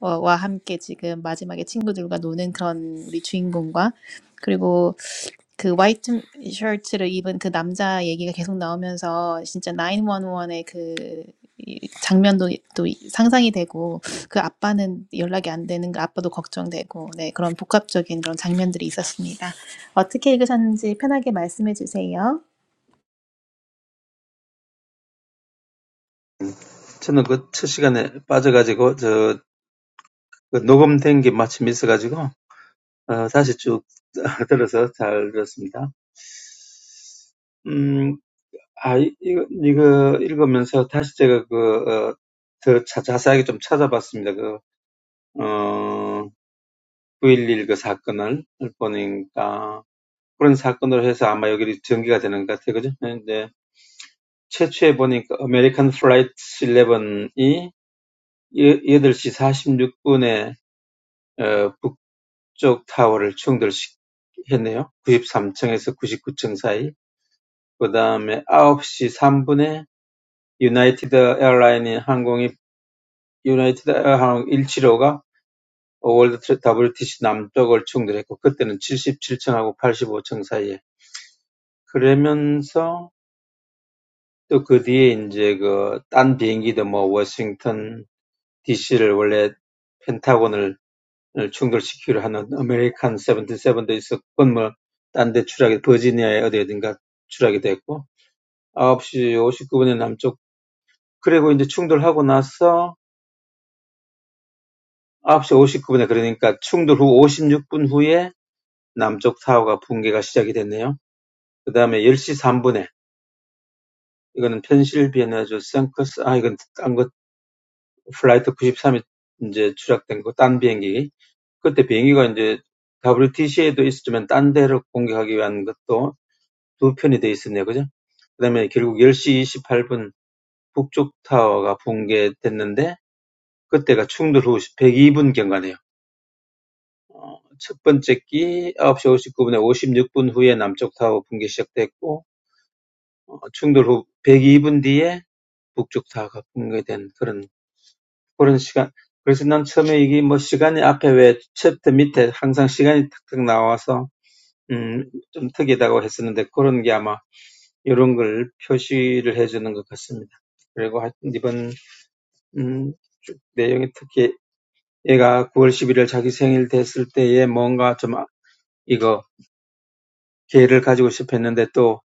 어, 와 함께 지금 마지막에 친구들과 노는 그런 우리 주인공과 그리고 그 화이트 셔츠를 입은 그 남자 얘기가 계속 나오면서 진짜 911의 그 장면도 또 상상이 되고 그 아빠는 연락이 안 되는 그 아빠도 걱정되고 네 그런 복합적인 그런 장면들이 있었습니다. 어떻게 읽으셨는지 편하게 말씀해 주세요. 저는 그첫 시간에 빠져가지고 저그 녹음된 게 마침 있어가지고 어, 다시 쭉 들어서 잘 들었습니다. 음, 아, 이거, 이거 읽으면서 다시 제가 그, 어, 더 자, 자세하게 좀 찾아봤습니다. 그, 어. 9.11 그 사건을 보니까 그런 사건으로 해서 아마 여기 전개가 되는 것 같아요. 그죠? 근데 최초에 보니까 American Flight 11이 8시 46분에 어, 북쪽 타워를 충돌했네요. 93층에서 99층 사이. 그 다음에 9시 3분에 유나이티드 에어라인이 항공이 유나이티드 에어항 175가 월드 WTC 남쪽을 충돌했고 그때는 77층하고 85층 사이에 그러면서 또 그 뒤에 이제 그 딴 비행기도 뭐 워싱턴 DC를 원래 펜타곤을 충돌시키려 하는 아메리칸 77도 있었건 뭐딴데 추락이 버지니아에 어디든가 추락이 됐고 9시 59분에 남쪽 그리고 이제 충돌하고 나서 9시 59분에 그러니까 충돌 후 56분 후에 남쪽 타워가 붕괴가 시작이 됐네요. 그 그다음에 10시 3분에 이거는 펜실베니아주 생커스 아 이건 딴거 플라이트 93이 이제 추락된 그딴 비행기. 그때 비행기가 이제 WTC에도 있었지만 딴 데로 공격하기 위한 것도 두 편이 돼 있었네요. 그죠? 그 다음에 결국 10시 28분 북쪽 타워가 붕괴됐는데 그때가 충돌 후 102분경가네요. 어, 첫 번째 끼 9시 59분에 56분 후에 남쪽 타워 붕괴 시작됐고 어, 충돌 후 102분 뒤에 북쪽 타워가 붕괴된 그런 그런 시간. 그래서 난 처음에 이게 뭐 시간이 앞에 왜 챕터 밑에 항상 시간이 탁탁 나와서 음, 좀 특이하다고 했었는데 그런 게 아마 이런 걸 표시를 해주는 것 같습니다. 그리고 하여튼 이번 음, 내용이 특히 얘가 9월 11일 자기 생일 됐을 때에 뭔가 좀 이거 계획을 가지고 싶었는데 또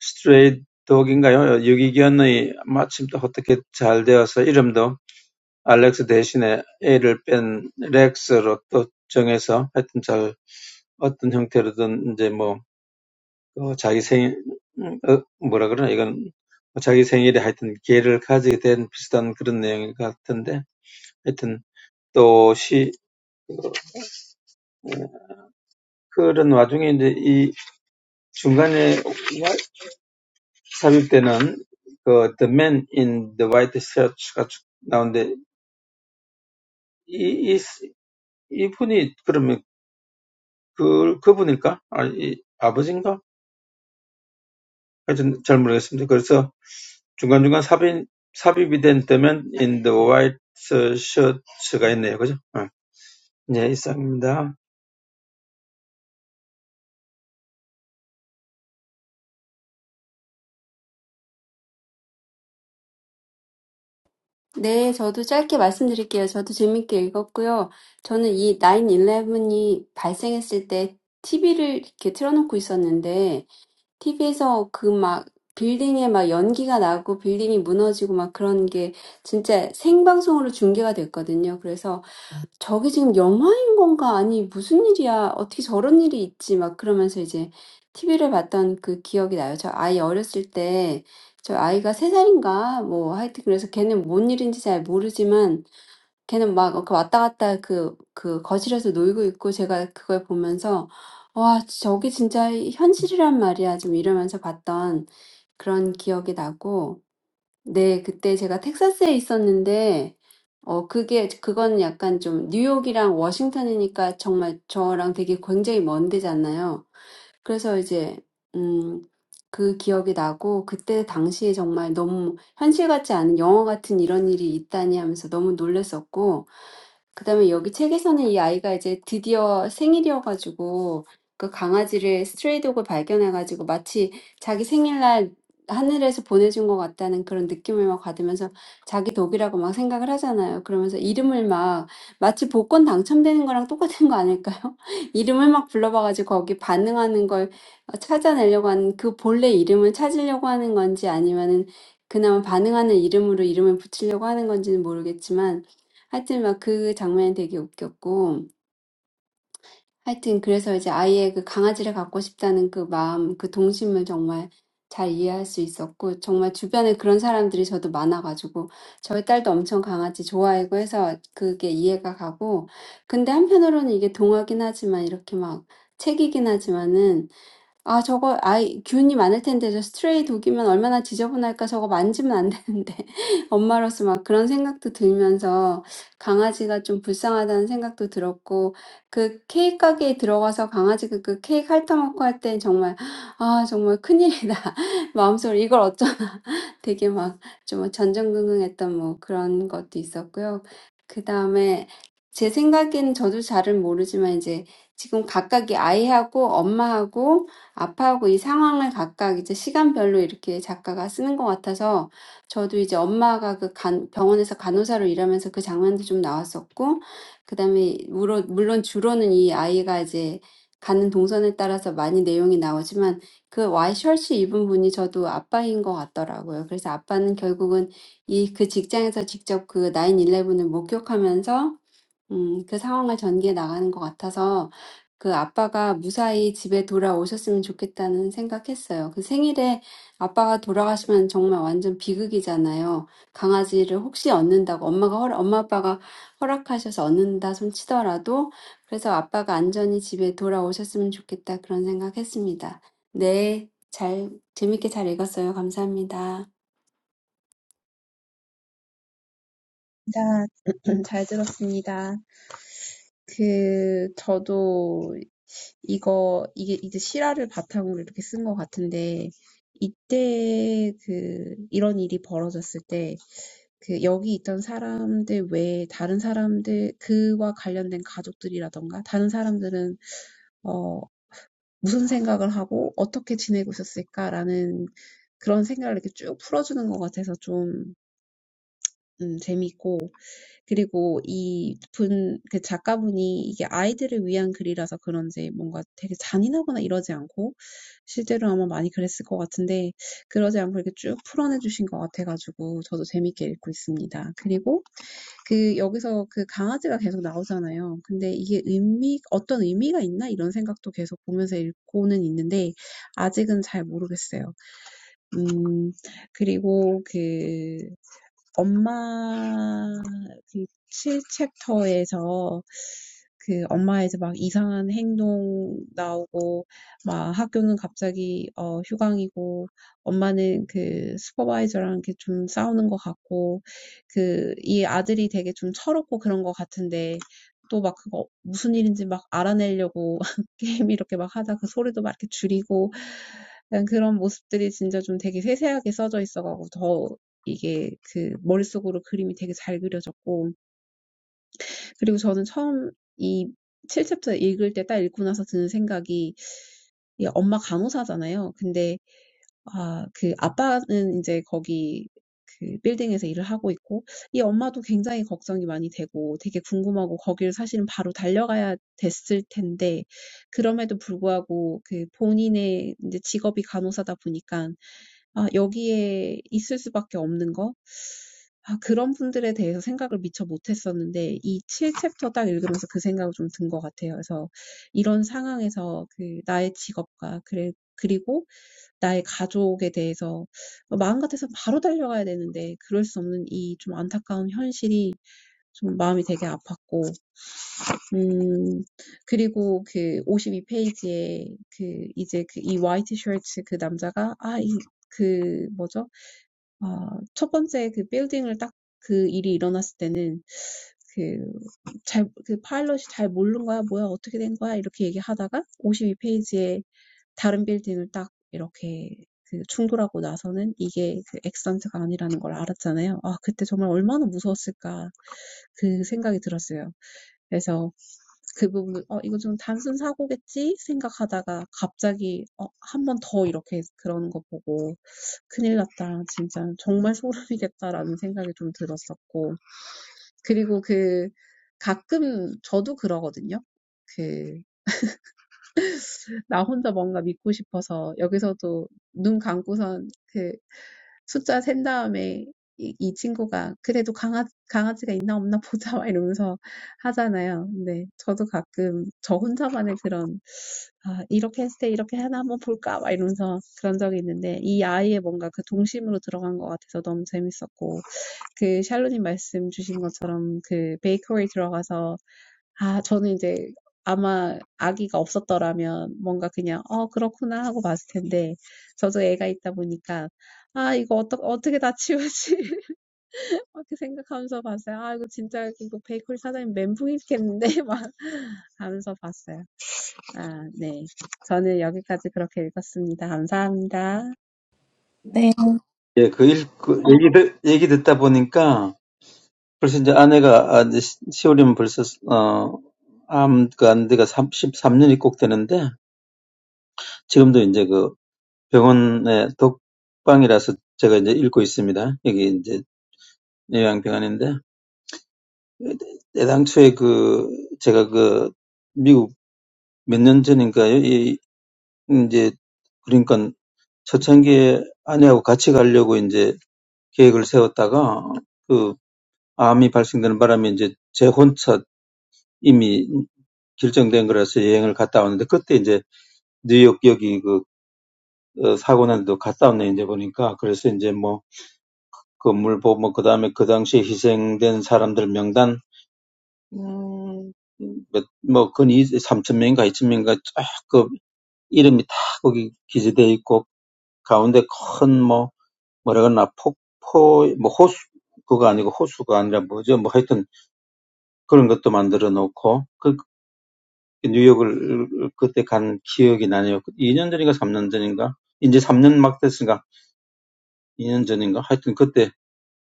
스트레이 독인가요? 유기견의 마침 또 어떻게 잘 되어서 이름도 알렉스 대신에 a를 뺀 렉스로 또 정해서 하여튼 잘 어떤 형태로든 이제 뭐, 어, 자기 생, 어, 뭐라 그러나 이건 자기 생일에 하여튼 기회를 가지게 된 비슷한 그런 내용 같은데 하여튼 또 시, 그런 와중에 이제 이 중간에 삽입되는 그 The Man in the White Shirt가 쭉 나오는데 이, 이, 이분이 그러면 그, 그분일까? 아, 이 아버지인가? 하여튼 잘 모르겠습니다. 그래서 중간중간 삽입, 삽입이 된 때면 in the white shirt가 있네요. 그죠? 네, 예, 이상입니다. 네, 저도 짧게 말씀드릴게요. 저도 재밌게 읽었고요. 저는 이 9/11이 발생했을 때 TV를 이렇게 틀어놓고 있었는데, TV에서 그 막 빌딩에 막 연기가 나고 빌딩이 무너지고 막 그런 게 진짜 생방송으로 중계가 됐거든요. 그래서 "저게 지금 영화인 건가? 아니 무슨 일이야? 어떻게 저런 일이 있지?" 막 그러면서 이제 TV를 봤던 그 기억이 나요. 저 아이 어렸을 때 저 아이가 세 살인가 뭐 하여튼 그래서 걔는 뭔 일인지 잘 모르지만 걔는 막어그 왔다 갔다 그 그 거실에서 놀고 있고 제가 그걸 보면서 '와 저게 진짜 현실이란 말이야.' 좀 이러면서 봤던 그런 기억이 나고 네, 그때 제가 텍사스에 있었는데, 어, 그게, 그건 약간 좀 뉴욕이랑 워싱턴이니까 정말 저랑 되게 굉장히 먼 데잖아요. 그래서 이제 음, 그 기억이 나고 그때 당시에 정말 너무 현실 같지 않은 영화 같은 이런 일이 있다니 하면서 너무 놀랐었고 그다음에 여기 책에서는 이 아이가 이제 드디어 생일이어가지고 그 강아지를 스트레이독을 발견해가지고 마치 자기 생일날 하늘에서 보내준 것 같다는 그런 느낌을 막 받으면서 자기 독이라고 막 생각을 하잖아요. 그러면서 이름을 막 마치 복권 당첨되는 거랑 똑같은 거 아닐까요? 이름을 막 불러봐가지고 거기 반응하는 걸 찾아내려고 하는 그 본래 이름을 찾으려고 하는 건지 아니면은 그나마 반응하는 이름으로 이름을 붙이려고 하는 건지는 모르겠지만 하여튼 막그 장면이 되게 웃겼고 하여튼 그래서 이제 아이의 그 강아지를 갖고 싶다는 그 마음, 그 동심을 정말 잘 이해할 수 있었고 정말 주변에 그런 사람들이 저도 많아가지고 저희 딸도 엄청 강아지 좋아하고 해서 그게 이해가 가고 근데 한편으로는 이게 동화긴 하지만 이렇게 막 책이긴 하지만은 아 저거 아이 균이 많을 텐데 저 스트레이 독이면 얼마나 지저분할까 저거 만지면 안 되는데 엄마로서 막 그런 생각도 들면서 강아지가 좀 불쌍하다는 생각도 들었고 그 케이크 가게에 들어가서 강아지가 그 케이크 핥아먹고 할 땐 정말 '아 정말 큰일이다. 마음속으로 이걸 어쩌나.' 되게 막 좀 전전긍긍했던 뭐 그런 것도 있었고요. 그 다음에 제 생각엔 저도 잘은 모르지만 이제 지금 각각이 아이하고 엄마하고 아빠하고 이 상황을 각각 이제 시간별로 이렇게 작가가 쓰는 것 같아서 저도 이제 엄마가 그 간, 병원에서 간호사로 일하면서 그 장면도 좀 나왔었고 그 다음에 물론 물론 주로는 이 아이가 이제 가는 동선에 따라서 많이 내용이 나오지만 그 와이셔츠 입은 분이 저도 아빠인 것 같더라고요. 그래서 아빠는 결국은 이 그 직장에서 직접 그 9/11을 목격하면서 음, 그 상황을 전개해 나가는 것 같아서 그 아빠가 무사히 집에 돌아오셨으면 좋겠다는 생각했어요. 그 생일에 아빠가 돌아가시면 정말 완전 비극이잖아요. 강아지를 혹시 얻는다고 엄마가 허락, 엄마 아빠가 허락하셔서 얻는다 손 치더라도 그래서 아빠가 안전히 집에 돌아오셨으면 좋겠다 그런 생각했습니다. 네, 잘 재밌게 잘 읽었어요. 감사합니다. 다, 잘 들었습니다. 그 저도 이거 이게 이제 실화를 바탕으로 이렇게 쓴것 같은데 이때 그 이런 일이 벌어졌을 때그 여기 있던 사람들 외에 다른 사람들 그와 관련된 가족들이라던가 다른 사람들은 어 무슨 생각을 하고 어떻게 지내고 있었을까라는 그런 생각을 이렇게 쭉 풀어주는 것 같아서 좀 음, 재미있고 그리고 이 분, 그 작가분이 이게 아이들을 위한 글이라서 그런지 뭔가 되게 잔인하거나 이러지 않고 실제로 아마 많이 그랬을 것 같은데 그러지 않고 이렇게 쭉 풀어내 주신 것 같아가지고 저도 재밌게 읽고 있습니다. 그리고 그 여기서 그 강아지가 계속 나오잖아요. 근데 이게 의미, 어떤 의미가 있나 이런 생각도 계속 보면서 읽고는 있는데 아직은 잘 모르겠어요. 음, 그리고 그 엄마 그 칠 챕터에서 그 엄마에서 막 이상한 행동 나오고 막 학교는 갑자기 어 휴강이고 엄마는 그 슈퍼바이저랑 이렇게 좀 싸우는 것 같고 그이 아들이 되게 좀 철없고 그런 것 같은데 또 막 그거 무슨 일인지 막 알아내려고 게임 이렇게 막 하다 그 소리도 막 이렇게 줄이고 그냥 그런 모습들이 진짜 좀 되게 세세하게 써져 있어가지고 더 이게 그 머릿속으로 그림이 되게 잘 그려졌고 그리고 저는 처음 이 7챕터 읽을 때 딱 읽고 나서 드는 생각이 이 엄마 간호사잖아요. 근데 아, 그 아빠는 이제 거기 그 빌딩에서 일을 하고 있고 이 엄마도 굉장히 걱정이 많이 되고 되게 궁금하고 거기를 사실은 바로 달려가야 됐을 텐데 그럼에도 불구하고 그 본인의 이제 직업이 간호사다 보니까 아, 여기에 있을 수밖에 없는 거? 아, 그런 분들에 대해서 생각을 미처 못했었는데, 이 칠 챕터 딱 읽으면서 그 생각이 좀 든 것 같아요. 그래서 이런 상황에서 그 나의 직업과, 그래, 그리고 나의 가족에 대해서 마음 같아서 바로 달려가야 되는데, 그럴 수 없는 이 좀 안타까운 현실이 좀 마음이 되게 아팠고, 음, 그리고 그 오십이 페이지에 그 이제 그이 화이트 셔츠 그 남자가, 아, 이, 그 뭐죠? 어, 첫 번째 그 빌딩을 딱그 일이 일어났을 때는 그 잘, 그 파일럿이 잘 모르는 거야, 뭐야, 어떻게 된 거야, 이렇게 얘기하다가 오십이 페이지에 다른 빌딩을 딱 이렇게 그 충돌하고 나서는 이게 그 엑스턴트가 아니라는 걸 알았잖아요. 아, 그때 정말 얼마나 무서웠을까. 그 생각이 들었어요. 그래서 그 부분, 어, 이거 좀 단순 사고겠지? 생각하다가 갑자기, 어, 한 번 더 이렇게 그러는 거 보고 큰일 났다. 진짜 정말 소름이겠다라는 생각이 좀 들었었고. 그리고 그 가끔 저도 그러거든요. 그, 나 혼자 뭔가 믿고 싶어서 여기서도 눈 감고선 그 숫자 센 다음에 이, 이 친구가 그래도 강아, 강아지가 있나 없나 보자 막 이러면서 하잖아요. 근데 저도 가끔 저 혼자만의 그런 아, 이렇게 했을 때 이렇게 하나 한번 볼까? 막 이러면서 그런 적이 있는데, 이 아이의 뭔가 그 동심으로 들어간 것 같아서 너무 재밌었고, 그 샬로님 말씀 주신 것처럼 그 베이커리 들어가서, 아, 저는 이제 아마 아기가 없었더라면 뭔가 그냥, 어, 그렇구나 하고 봤을 텐데, 저도 애가 있다 보니까, 아, 이거 어떠, 어떻게 다 치우지? 막 이렇게 생각하면서 봤어요. 아, 이거 진짜 이거 베이커리 사장님 멘붕이겠는데? 막 하면서 봤어요. 아, 네. 저는 여기까지 그렇게 읽었습니다. 감사합니다. 네, 예, 그 일, 그 얘기, 듣, 얘기 듣다 보니까 벌써 이제 아내가, 아, 이제 시- 시월이면 벌써, 어, 암, 그 안대가 삼십삼 년이 꼭 되는데, 지금도 이제 그 병원의 독방이라서 제가 이제 읽고 있습니다. 여기 이제 요양병원인데, 애당초에 그, 제가 그, 미국 몇 년 전인가요? 이 인제 그러니깐 초창기에 아내하고 같이 가려고 이제 계획을 세웠다가 그 암이 발생되는 바람에 이제 제 혼자 이미 결정된 거라서 여행을 갔다 왔는데 그때 이제 뉴욕 여기 그 어, 사고 난 데도 갔다 왔네 이제 보니까 그래서 이제 뭐 건물 보고 그 다음에 그 당시에 희생된 사람들 명단 음, 몇, 뭐, 건 삼천 명인가 이천 명인가 쫙그 이름이 다 거기 기재되어 있고 가운데 큰 뭐 뭐라 그러나 폭포 뭐 호수 그거 아니고 호수가 아니라 뭐죠 뭐 하여튼 그런 것도 만들어 놓고 그 뉴욕을 그때 간 기억이 나네요. 이 년 전인가 삼 년 전인가 이제 삼 년 막 됐으니까 이 년 전인가 하여튼 그때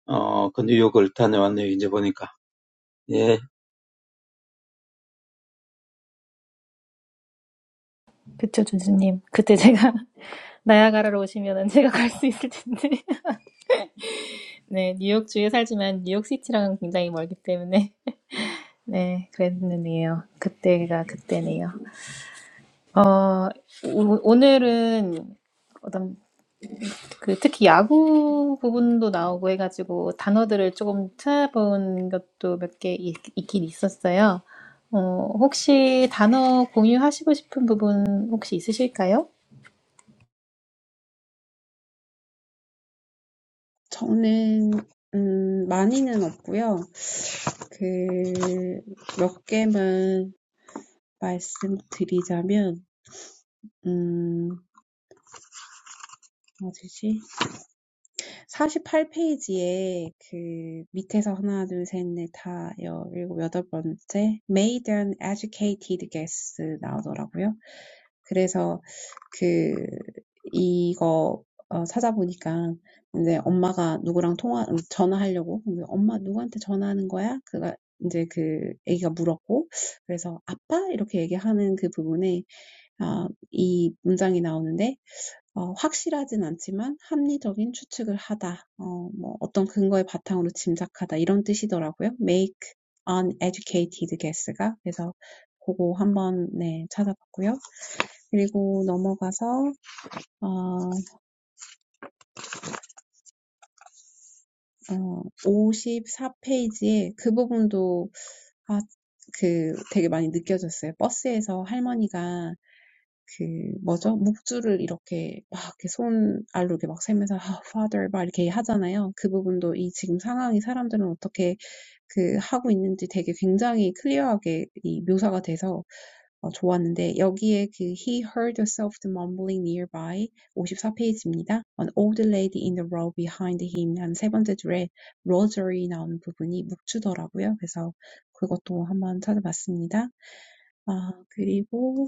어그 뉴욕을 다녀왔네요. 이제 보니까 예 그쵸, 조주님. 그때 제가 나야가라로 오시면은 제가 갈 수 있을 텐데. 네, 뉴욕주에 살지만 뉴욕시티랑은 굉장히 멀기 때문에. 네, 그랬는데요. 그때가 그때네요. 어, 오- 오늘은 어떤 그 특히 야구 부분도 나오고 해가지고 단어들을 조금 찾아본 것도 몇 개 있긴 있었어요. 어, 혹시 단어 공유하시고 싶은 부분 혹시 있으실까요? 저는 음, 많이는 없고요. 그, 몇 개만 말씀드리자면, 음, 어디지? 48페이지에 그 밑에서 하나, 둘, 셋, 넷, 다, 여, 일곱, 여덟 번째 made an educated guess 나오더라고요. 그래서 그 이거 어, 찾아보니까 이제 엄마가 누구랑 통화 음, 전화하려고 근데 엄마 누구한테 전화하는 거야? 그가 이제 그 애기가 물었고 그래서 아빠 이렇게 얘기하는 그 부분에 아, 이 문장이 나오는데 어, 확실하진 않지만 합리적인 추측을 하다, 어, 뭐 어떤 근거의 바탕으로 짐작하다 이런 뜻이더라고요. Make an educated guess. 그 뭐죠? 묵주를 이렇게 막 이렇게 손 알로 이렇게 막 세면서 아, father 막 이렇게 하잖아요. 그 부분도 이 지금 상황이 사람들은 어떻게 그 하고 있는지 되게 굉장히 클리어하게 이 묘사가 돼서 어, 좋았는데 여기에 그 he heard a soft mumbling nearby 오십사 페이지입니다 An old lady in the row behind him 한 세 번째 줄에 Roger이 나오는 부분이 묵주더라고요. 그래서 그것도 한번 찾아봤습니다. 아, 그리고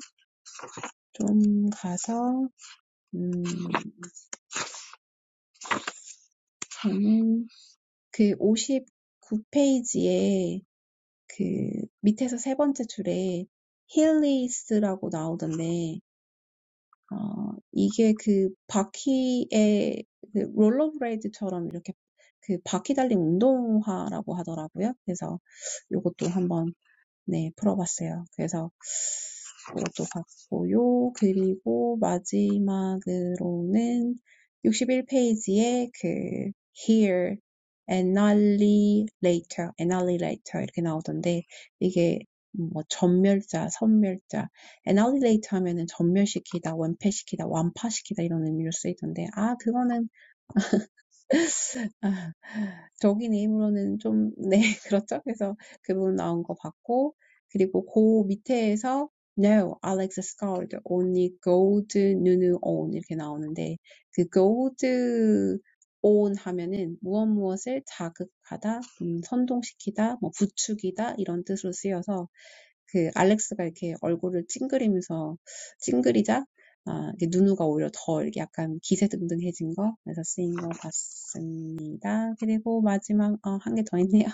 좀 가서 음, 저는 그 59페이지에 그 밑에서 세 번째 줄에 힐리스라고 나오던데, 어, 이게 그 바퀴에 그 롤러브레이드처럼 이렇게 그 바퀴 달린 운동화라고 하더라고요. 그래서 요것도 한번 네, 풀어봤어요. 그래서 이것도 봤고요. 그리고 마지막으로는 육십일 페이지에 그 here an hour later, an hour later 이렇게 나오던데 이게 뭐 전멸자, 선멸자, an hour later 하면은 전멸시키다, 원패시키다, 완파시키다 이런 의미로 쓰이던데 아 그거는 아, 적인 이름으로는 좀, 네, 그렇죠. 그래서 그 부분 나온 거 봤고, 그리고 그 밑에에서 No, Alex scowled. Only gold, Nunu on 이렇게 나오는데 그 gold on 하면은 무엇 무엇을 자극하다, 음, 선동시키다, 뭐 부추기다 이런 뜻으로 쓰여서 그 알렉스가 이렇게 얼굴을 찡그리면서 찡그리자 아, 이게 누누가 오히려 더 이렇게 약간 기세등등해진 거 그래서 쓰인 거 봤습니다. 그리고 마지막 어, 한 개 더 있네요.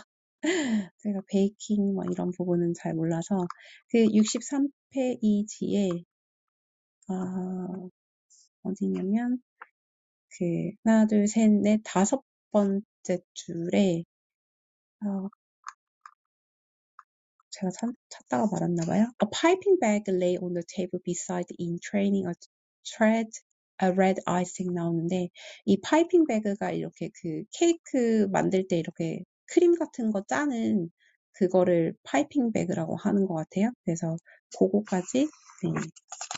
제가 베이킹 뭐 이런 부분은 잘 몰라서 그 63페이지에 아, 어디냐면 그 하나 둘, 셋, 넷, 다섯 번째 줄에 어, 제가 찾, 찾다가 말았나 봐요. A piping bag lay on the table beside in training a thread, a red icing 나오는데, 이 파이핑 배그가 이렇게 그 케이크 만들 때 이렇게 크림 같은 거 짜는 그거를 파이핑 배그라고 하는 것 같아요. 그래서 그거까지 네,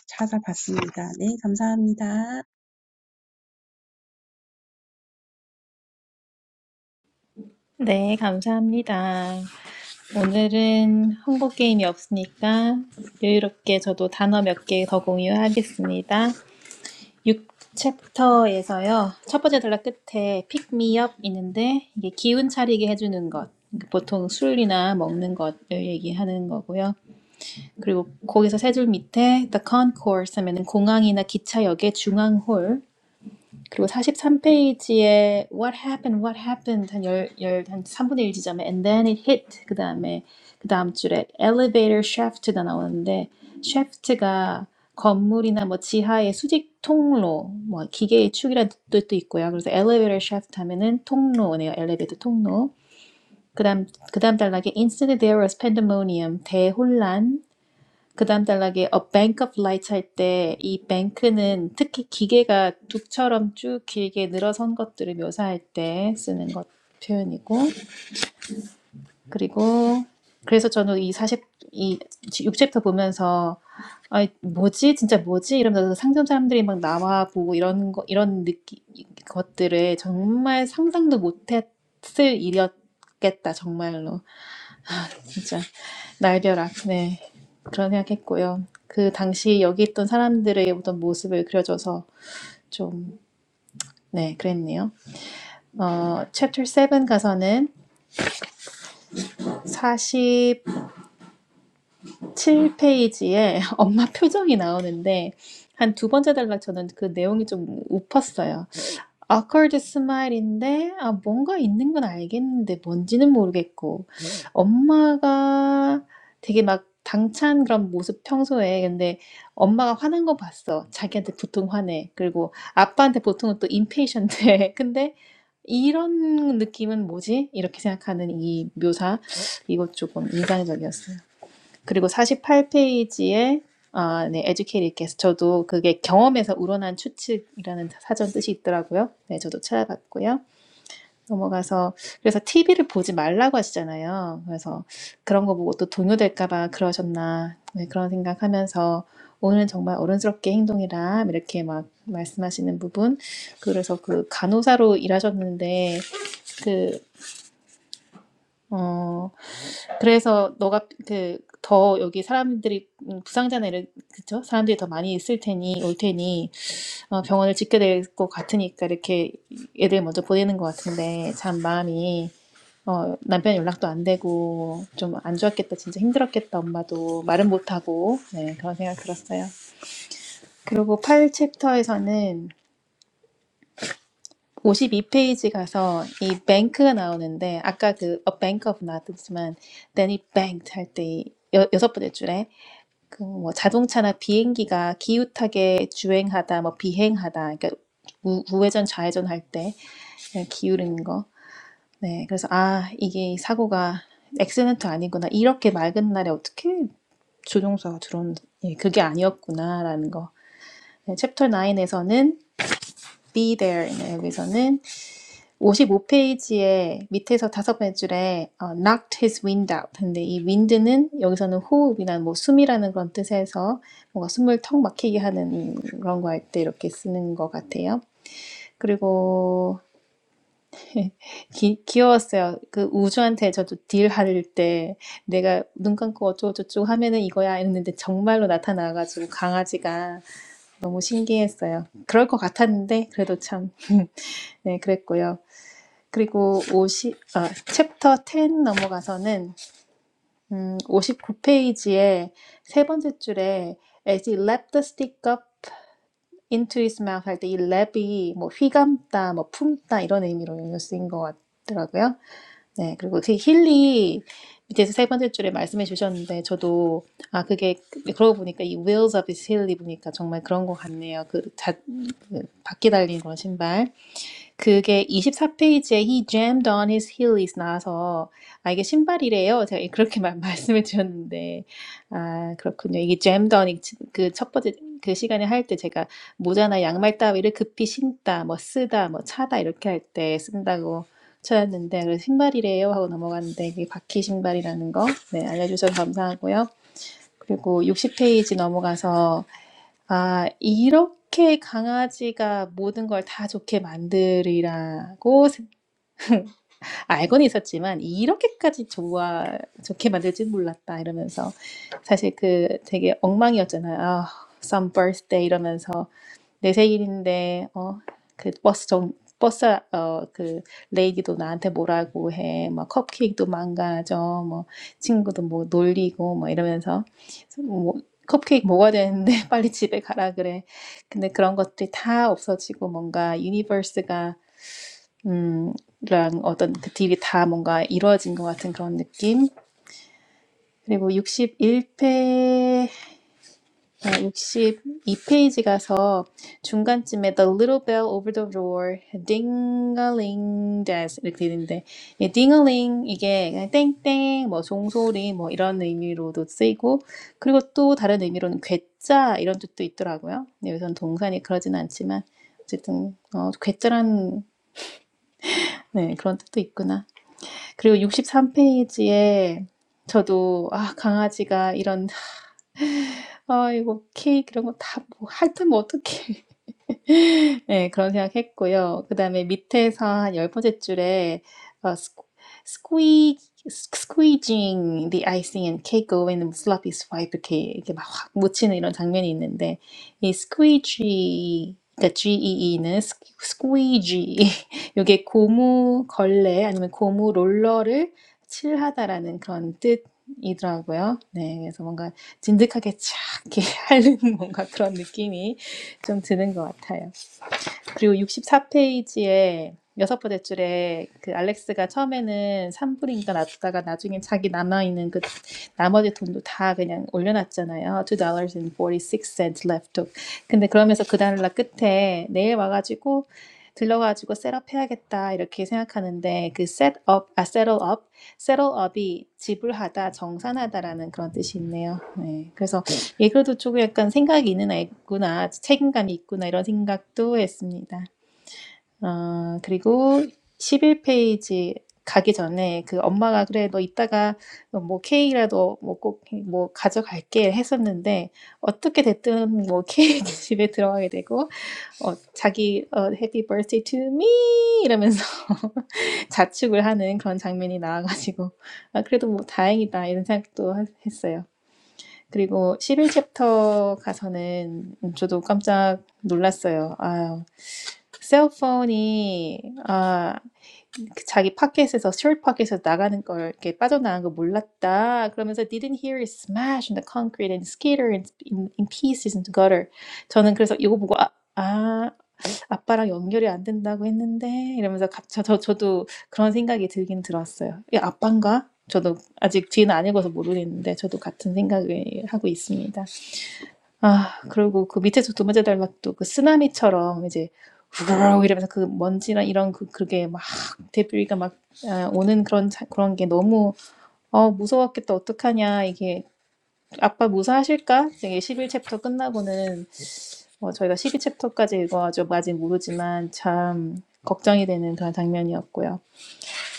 찾아봤습니다. 네, 감사합니다. 네, 감사합니다. 오늘은 홍보 게임이 없으니까 여유롭게 저도 단어 몇 개 더 공유하겠습니다. 6챕터에서요. 첫 번째 단락 끝에 픽미업 있는데 이게 기운 차리게 해주는 것. 그러니까 보통 술이나 먹는 것을 얘기하는 거고요. 그리고 거기서 세 줄 밑에 the concourse 하면은 공항이나 기차역의 중앙홀 그리고 43페이지에 What happened? What happened? 한 열, 열, 한 3분의 1 지점에 And then it hit. 그 다음에 그 다음 줄에 Elevator shaft가 나오는데 shaft가 건물이나 뭐 지하의 수직 통로, 뭐 기계의 축이라는 뜻도 있고요. 그래서 elevator shaft 하면은 통로네요. 엘리베이터 통로. 그다음 그다음 단락에 instantly there was pandemonium 대혼란 그다음 단락에 A Bank of Lights 할 때 이 bank는 특히 기계가 둑처럼 쭉 길게 늘어선 것들을 묘사할 때 쓰는 것 표현이고 그리고 그래서 저는 이 사십 이 6챕터 보면서 아 뭐지 진짜 뭐지 이러면서 상점 사람들이 막 나와 보고 이런 거 이런 느끼 것들을 정말 상상도 못했을 일이었겠다 정말로 진짜 날벼락. 네. 그런 생각했고요. 그 당시 여기 있던 사람들의 어떤 모습을 그려줘서 좀, 네, 그랬네요. 어, 챕터 7 가서는 47페이지에 엄마 표정이 나오는데 한 두 번째 단락 저는 그 내용이 좀 웃었어요. awkward smile인데 아 뭔가 있는 건 알겠는데 뭔지는 모르겠고 네. 엄마가 되게 막 당찬 그런 모습 평소에 근데 엄마가 화난 거 봤어. 자기한테 보통 화내. 그리고 아빠한테 보통은 또 impatient해. 근데 이런 느낌은 뭐지? 이렇게 생각하는 이 묘사 이것 조금 인상적이었어요. 그리고 48페이지에 아, 네, 에듀케이 e s 서 저도 그게 경험에서 우러난 추측이라는 사전 뜻이 있더라고요. 네, 저도 찾아봤고요. 넘어가서 그래서 TV를 보지 말라고 하시잖아요. 그래서 그런 거 보고 또 동요될까봐 그러셨나 네, 그런 생각하면서 오늘은 정말 어른스럽게 행동이라 이렇게 막 말씀하시는 부분 그래서 그 간호사로 일하셨는데 그어 그래서 너가 그 더 여기 사람들이 음, 부상자 이런 그쵸? 사람들이 더 많이 있을 테니 올 테니 어, 병원을 짓게 될 것 같으니까 이렇게 애들 먼저 보내는 것 같은데 참 마음이 어, 남편 연락도 안 되고 좀 안 좋았겠다 진짜 힘들었겠다 엄마도 말은 못하고 네, 그런 생각 들었어요. 그리고 8 챕터에서는 52페이지 가서 이 뱅크가 나오는데 아까 그 A Bank of 나왔지만 Then it banked 할때 여섯 번째 줄에 그 뭐 자동차나 비행기가 기웃하게 주행하다, 뭐 비행하다, 그러니까 우, 우회전 좌회전 할 때 기울이는 거. 네, 그래서 아 이게 사고가 액시던트 아니구나. 이렇게 맑은 날에 어떻게 조종사가 들어온 예, 그게 아니었구나라는 거. 네, 챕터 9에서는 be there, 네, 여기서는 55페이지에 밑에서 다섯 번째 줄에 어, knocked his wind out. 근데 이 wind는 여기서는 호흡이나 뭐 숨이라는 그런 뜻에서 뭔가 숨을 턱 막히게 하는 그런 거 할 때 이렇게 쓰는 것 같아요. 그리고 기, 귀여웠어요. 그 우주한테 저도 딜할 때 내가 눈 감고 어쩌고저쩌고 하면은 이거야 했는데 정말로 나타나가지고 강아지가 너무 신기했어요. 그럴 것 같았는데 그래도 참 네, 그랬고요. 그리고 오십 아, 챕터 10 넘어가서는 음, 59페이지에 세 번째 줄에 As he lapped the stick up into his mouth 할 때 이 랩이 뭐 휘감다, 뭐 품다 이런 의미로 연결 쓰인 것 같더라고요. 네, 그리고 그 힐리 밑에서 세 번째 줄에 말씀해 주셨는데 저도 아 그게 그러고 보니까 이 wheels of his 힐리 보니까 정말 그런 것 같네요. 그 자, 그 바퀴 달린 그런 신발. 그게 24페이지에 He jammed on his heelys 나와서 아 이게 신발이래요. 제가 그렇게 말, 말씀을 드렸는데 아 그렇군요. 이게 jammed on 그 첫 번째 그 시간에 할 때 제가 모자나 양말 따위를 급히 신다, 뭐 쓰다, 뭐 차다 이렇게 할 때 쓴다고 찾았는데 그래서 신발이래요 하고 넘어갔는데 이게 바퀴 신발이라는 거 네, 알려주셔서 감사하고요. 그리고 60페이지 넘어가서 아 이렇게 강아지가 모든 걸 다 좋게 만들이라고생 알고는 있었지만 '이렇게까지 좋아 좋게 만들 줄 몰랐다.' 이러면서 사실 그 되게 엉망이었잖아요. 아 some birthday 이러면서 내 생일인데 어그 버스 정 버스 어그 레이디도 나한테 뭐라고 해. 막 컵케이크도 망가져. 뭐 친구도 뭐 놀리고 뭐 이러면서 뭐 뭐, 컵케이크 먹어야 되는데 빨리 집에 가라 그래. 근데 그런 것들이 다 없어지고 뭔가 유니버스가 음, 랑 어떤 그 딜이 다 뭔가 이루어진 것 같은 그런 느낌. 그리고 61회 62페이지 가서 중간쯤에 The little bell over the roar, ding-a-ling does 이렇게 되는데 예, ding-a-ling 이게 땡땡 뭐 종소리 뭐 이런 의미로도 쓰이고 그리고 또 다른 의미로는 괴짜 이런 뜻도 있더라고요. 근 여기서는 동사니 그러진 않지만 어쨌든 어, 괴짜란 네, 그런 뜻도 있구나. 그리고 63페이지에 저도 아, 강아지가 이런 아, 이거 케이크 이런 거 다 뭐, 하여면 어떻게 네 그런 생각했고요. 그다음에 밑에서 한 열 번째 줄에 어, squ- squeeze squeezing the icing and cake away n the sloppy swipe 이렇게 이렇게 막 확 묻히는 이런 장면이 있는데 이 squeegee 그러니까 GEE는 squeegee 이게 고무 걸레 아니면 고무 롤러를 칠하다라는 그런 뜻이더라고요. 네, 그래서 뭔가 진득하게 착 이렇게 하는 뭔가 그런 느낌이 좀 드는 것 같아요. 그리고 64페이지에 여섯 번대 줄에 그 알렉스가 처음에는 3불인가 놨다가 나중에 자기 남아있는 그 나머지 돈도 다 그냥 올려놨잖아요. $2.46 left t 근데 그러면서 그 달러 끝에 내일 와가지고 들러가지고 셋업 해야겠다 이렇게 생각하는데 그 셋업, 아 settle up, settle up이 지불하다, 정산하다라는 그런 뜻이 있네요. 네, 그래서 예, 그래도 조금 약간 생각이 있는 애구나, 책임감이 있구나, 이런 생각도 했습니다. 어, 그리고 11페이지 가기 전에 그 엄마가 그래, 너 이따가 뭐 케이크라도 뭐 꼭 뭐 가져갈게 했었는데 어떻게 됐든 뭐 케이크 집에 들어가게 되고 어, 자기 어, Happy Birthday to me 이러면서 자축을 하는 그런 장면이 나와가지고 아, 그래도 뭐 다행이다 이런 생각도 했어요. 그리고 11챕터 가서는 음, 저도 깜짝 놀랐어요. 아, 셀폰이 아, 그 자기 파켓에서 셔 파켓에서 나가는 걸 이렇게 빠져나간 거 몰랐다. 그러면서 didn't hear it smash in the concrete and skitter in, in, in pieces into gutter. 저는 그래서 이거 보고 아, 아 아빠랑 연결이 안 된다고 했는데 이러면서 갑, 저, 저 저도 그런 생각이 들긴 들었어요. 야, 아빠인가? 저도 아직 뒤는 안 읽어서 모르겠는데 저도 같은 생각을 하고 있습니다. 아 그리고 그 밑에서 두 번째 달락도 그 쓰나미처럼 이제 우르르 이러면서 그 먼지나 이런 그 그게 막데브기가막아 오는 그런 자 그런 게 너무 '어 무서웠겠다. 어떡하냐.' 이게 '아빠 무사하실까?' 이게 11 챕터 끝나고는 어 저희가 12 챕터까지 읽어가지고 아직 모르지만 참 걱정이 되는 그런 장면이었고요.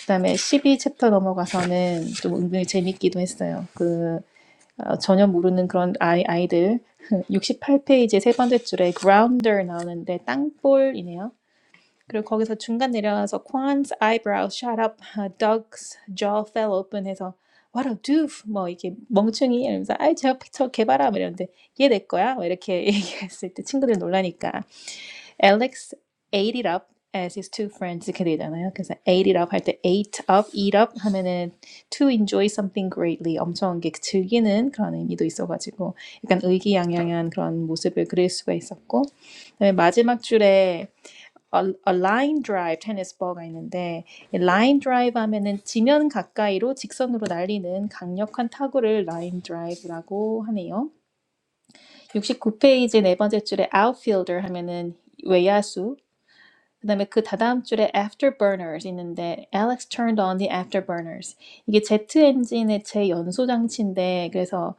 그다음에 12 챕터 넘어가서는 좀 은근히 재밌기도 했어요. 그 어, 전혀 모르는 그런 아이, 아이들 68페이지 세 번째 줄에 grounder 나오는데 땅볼이네요. 그리고 거기서 중간 내려와서 Quan's eyebrow shot up, Doug's jaw fell open 해서 What a doof! 뭐 이렇게 멍충이 이러면서 아이 저, 저 개봐라 뭐 이러는데 얘 내 거야? 뭐 이렇게 얘기했을 때 친구들 놀라니까 Alex ate it up as his two friends 이렇게 되잖아요. 그래서 ate it up 할 때 ate up, eat up 하면은 to enjoy something greatly 엄청 이게 즐기는 그런 의미도 있어가지고 약간 의기양양한 그런 모습을 그릴 수가 있었고 그다음에 마지막 줄에 a, a line drive 테니스 ball가 있는데 line drive 하면은 지면 가까이로 직선으로 날리는 강력한 타구를 line drive라고 하네요. 69페이지 네 번째 줄에 outfielder 하면은 외야수 그다음에 그 다다음 줄에 afterburners 있는데 Alex turned on the afterburners. 이게 제트 엔진의 제 연소 장치인데 그래서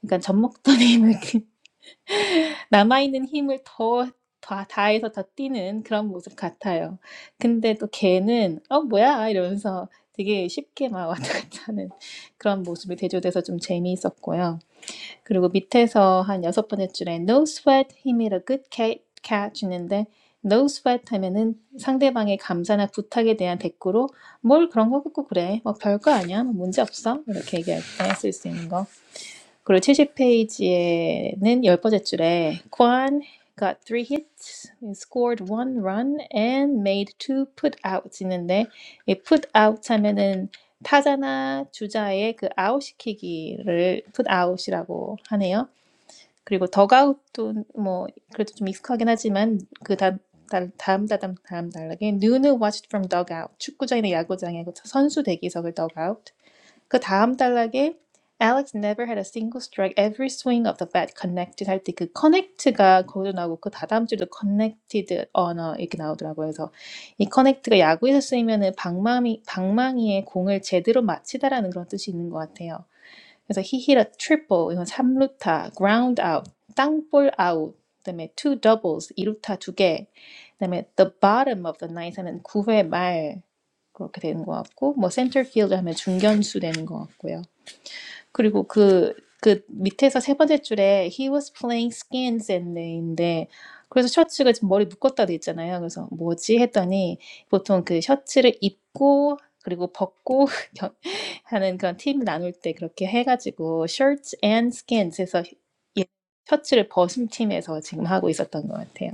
그러니까 젖 먹던 힘을 남아 있는 힘을 더 다, 다해서 더 뛰는 그런 모습 같아요. 근데 또 걔는 어 뭐야 이러면서 되게 쉽게 막 왔다 갔다 하는 그런 모습이 대조돼서 좀 재미있었고요. 그리고 밑에서 한 여섯 번째 줄에 No sweat, he made a good ca- catch 있는데 No sweat 하면은 상대방의 감사나 부탁에 대한 대꾸로 뭘 그런 거 갖고 그래 뭐 별거 아니야 뭐 문제 없어 이렇게 얘기할 때 쓸 수 있는 거 그리고 70페이지에는 열 번째 줄에 Kwan got three hits, scored one run, and made two putouts 있는데 이 p u t o u t 하면은 타자나 주자의 그 아웃 시키기를 putout이라고 하네요. 그리고 덕아웃도뭐 그래도 좀 익숙하긴 하지만 그 다음 달- 다음 다음 다음 단락에 눈을 watched from dugout 축구장이나 야구장의 서 선수 대기석을 dugout 그 다음 단락에 Alex never had a single strike. Every swing of the bat connected 할 때 그 connect가 거기도 나오고 그 다다음 줄도 connected 언어 이렇게 나오더라고요. 그래서 이 connect가 야구에서 쓰이면은 방망이 방망이에 공을 제대로 맞히다라는 그런 뜻이 있는 것 같아요. 그래서 he hit a triple 이건 3루타, ground out, 땅볼 아웃, 그다음에 two doubles 2루타 2개, 그다음에 the bottom of the ninth 하면 9회 말 그렇게 되는 것 같고 뭐 center field 하면 중견수 되는 것 같고요. 그리고 그, 그 밑에서 세 번째 줄에 he was playing skins and i 데 그래서 셔츠가 지금 머리 묶었다 돼 있잖아요. 그래서 뭐지 했더니 보통 그 셔츠를 입고 그리고 벗고 겨- 하는 그런 팀 나눌 때 그렇게 해가지고 shirts and skins 해서 예, 셔츠를 벗은 팀에서 지금 하고 있었던 것 같아요.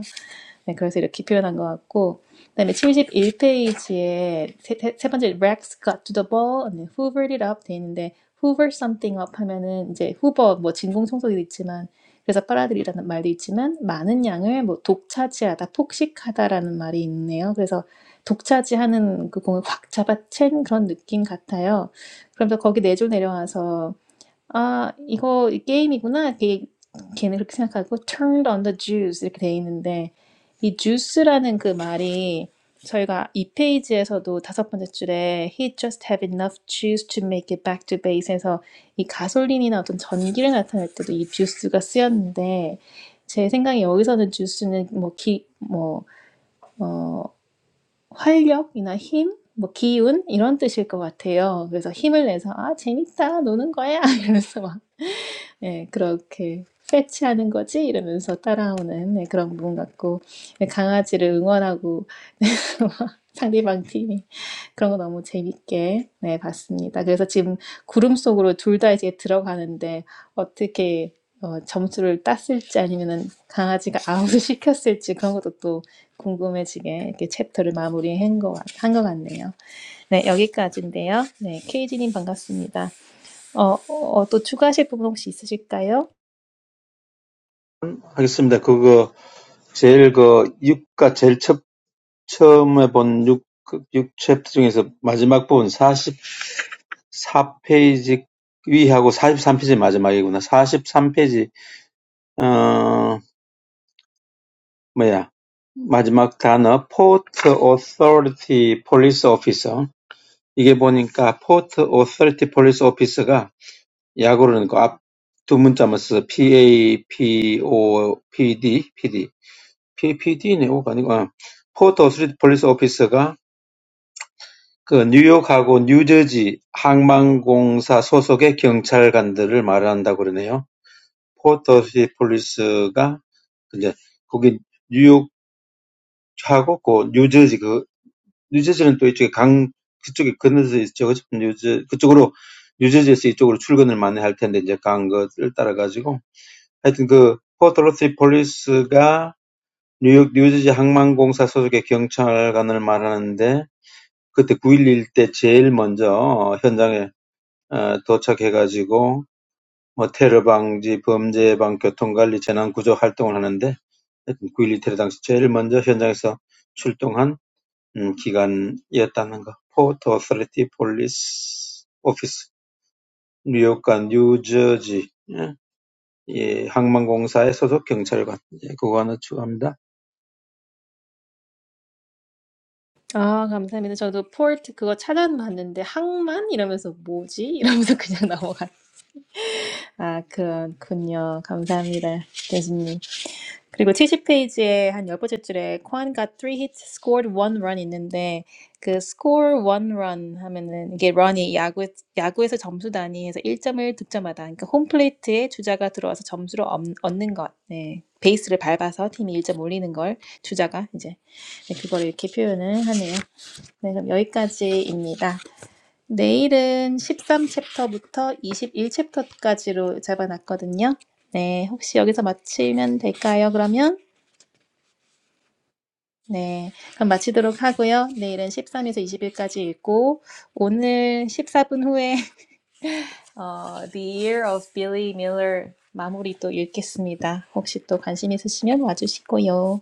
네, 그래서 이렇게 표현한 것 같고, 그다음에 71페이지에 세, 세- 번째 Rex got to the ball a h hoovered it up 돼 있는데 hoover something up 하면은 이제 후버 뭐 진공 청소기도 있지만 그래서 빨아들이라는 말도 있지만 많은 양을 뭐 독차지하다, 폭식하다라는 말이 있네요. 그래서 독차지하는 그 공을 확 잡아챈 그런 느낌 같아요. 그럼 또 거기 내조 내려와서 아, 이거 게임이구나. 이게 걔는 그렇게 생각하고 turned on the juice 이렇게 돼 있는데 이 juice라는 그 말이 저희가 이 페이지에서도 다섯 번째 줄에 he just have enough juice to make it back to base에서 이 가솔린이나 어떤 전기를 나타낼 때도 이 juice가 쓰였는데 제 생각에 여기서는 juice는 뭐 기, 뭐, 어, 활력이나 힘, 뭐 기운 이런 뜻일 것 같아요. 그래서 힘을 내서 아 재밌다 노는 거야 이러면서 막 예, 그렇게 패치하는 거지? 이러면서 따라오는 예, 그런 부분 같고 예, 강아지를 응원하고 상대방 팀이 그런 거 너무 재밌게 네, 봤습니다. 그래서 지금 구름 속으로 둘 다 이제 들어가는데 어떻게 어, 점수를 땄을지 아니면은 강아지가 아웃을 시켰을지 그런 것도 또 궁금해지게 이렇게 챕터를 마무리한 것, 같- 한것 같네요. 네, 여기까지인데요. 네, 케이지님 반갑습니다. 어, 어, 어, 또 추가하실 부분 혹시 있으실까요? 하겠습니다. 그거 제일 그 육가 제일 첫 처음에 본육육 챕터 중에서 마지막 부분 44 페이지 위하고 43 페이지 마지막이구나. 43 페이지 어 뭐야 마지막 단어 Port Authority Police Officer 이게 보니까 Port Authority Police Officer가 약으로는 그 앞 두 문자만 써서 PA, PO, PD, PD, P, PD네 O가 아니고 어. Port Authority Police Officer가 그 뉴욕하고 뉴저지 항만공사 소속의 경찰관들을 말한다고 그러네요. 포터시 폴리스가 이제 거기 뉴욕하고 그 뉴저지 그 뉴저지는 또 이쪽에 강 그쪽에 건너서 있죠. 그죠? 뉴저 그쪽으로 뉴저지에서 이쪽으로 출근을 많이 할 텐데 이제 간 것을 따라 가지고 하여튼 그 포터시 폴리스가 뉴욕 뉴저지 항만공사 소속의 경찰관을 말하는데 그때 9.11 때 제일 먼저 현장에 어, 도착해가지고 뭐 테러 방지, 범죄 예방, 교통관리, 재난구조 활동을 하는데 하여튼 테러 당시 제일 먼저 현장에서 출동한 음, 기관이었다는 거. 포트 오서리티 폴리스 오피스 뉴욕과 뉴저지 예, 이 항만공사에 소속 경찰관 예, 그거 하나 추가합니다. 아 감사합니다. 저도 port 그거 찾아봤는데 항만? 이러면서 뭐지? 이러면서 그냥 넘어갔 아 그렇군요. 감사합니다. 교수님. 그리고 70페이지에 한 열 번째 줄에 Juan got t hits r e e h scored one run 있는데 그 score one run 하면은 이게 run이 야구 야구에서 점수 단위에서 1점을 득점하다. 그러니까 홈플레이트에 주자가 들어와서 점수를 얻, 얻는 것. 네. 베이스를 밟아서 팀이 1점 올리는 걸 주자가 이제 네, 그걸 이렇게 표현을 하네요. 네, 그럼 여기까지입니다. 내일은 13챕터부터 21챕터까지로 잡아놨거든요. 네, 혹시 여기서 마치면 될까요, 그러면? 네, 그럼 마치도록 하고요. 내일은 13에서 2십일까지 읽고, 오늘 14분 후에 어, The Year of Billy Miller 마무리 또 읽겠습니다. 혹시 또 관심 있으시면 와주시고요.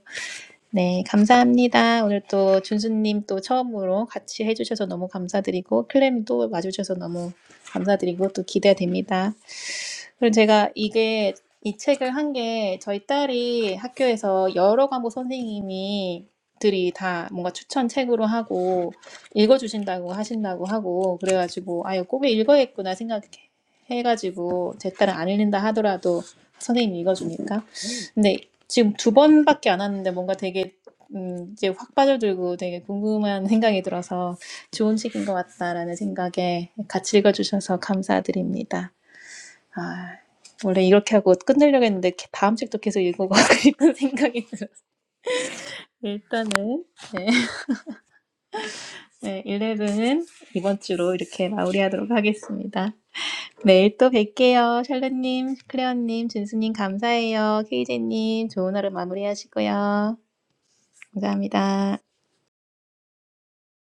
네, 감사합니다. 오늘 또 준수님 또 처음으로 같이 해주셔서 너무 감사드리고, 클레님 또 와주셔서 너무 감사드리고, 또 기대됩니다. 그리고 제가 이게 이 책을 한 게 저희 딸이 학교에서 여러 과목 선생님이 들이 다 뭔가 추천 책으로 하고 읽어주신다고 하신다고 하고 그래가지고 아 이거 꼭 읽어야겠구나 생각해가지고 제 딸은 안 읽는다 하더라도 선생님이 읽어주니까 근데 지금 두 번밖에 안 왔는데 뭔가 되게 음, 이제 확 빠져들고 되게 궁금한 생각이 들어서 좋은 책인 것 같다라는 생각에 같이 읽어주셔서 감사드립니다. 아, 원래 이렇게 하고 끝내려고 했는데 게- 다음 책도 계속 읽어가고 싶은 생각이 들어. 일단은 네, 11은 이번 주로 이렇게 마무리하도록 하겠습니다. 내일 또 뵐게요. 샬롯님, 클레어님, 준수님 감사해요. 케이제님 좋은 하루 마무리하시고요. 감사합니다.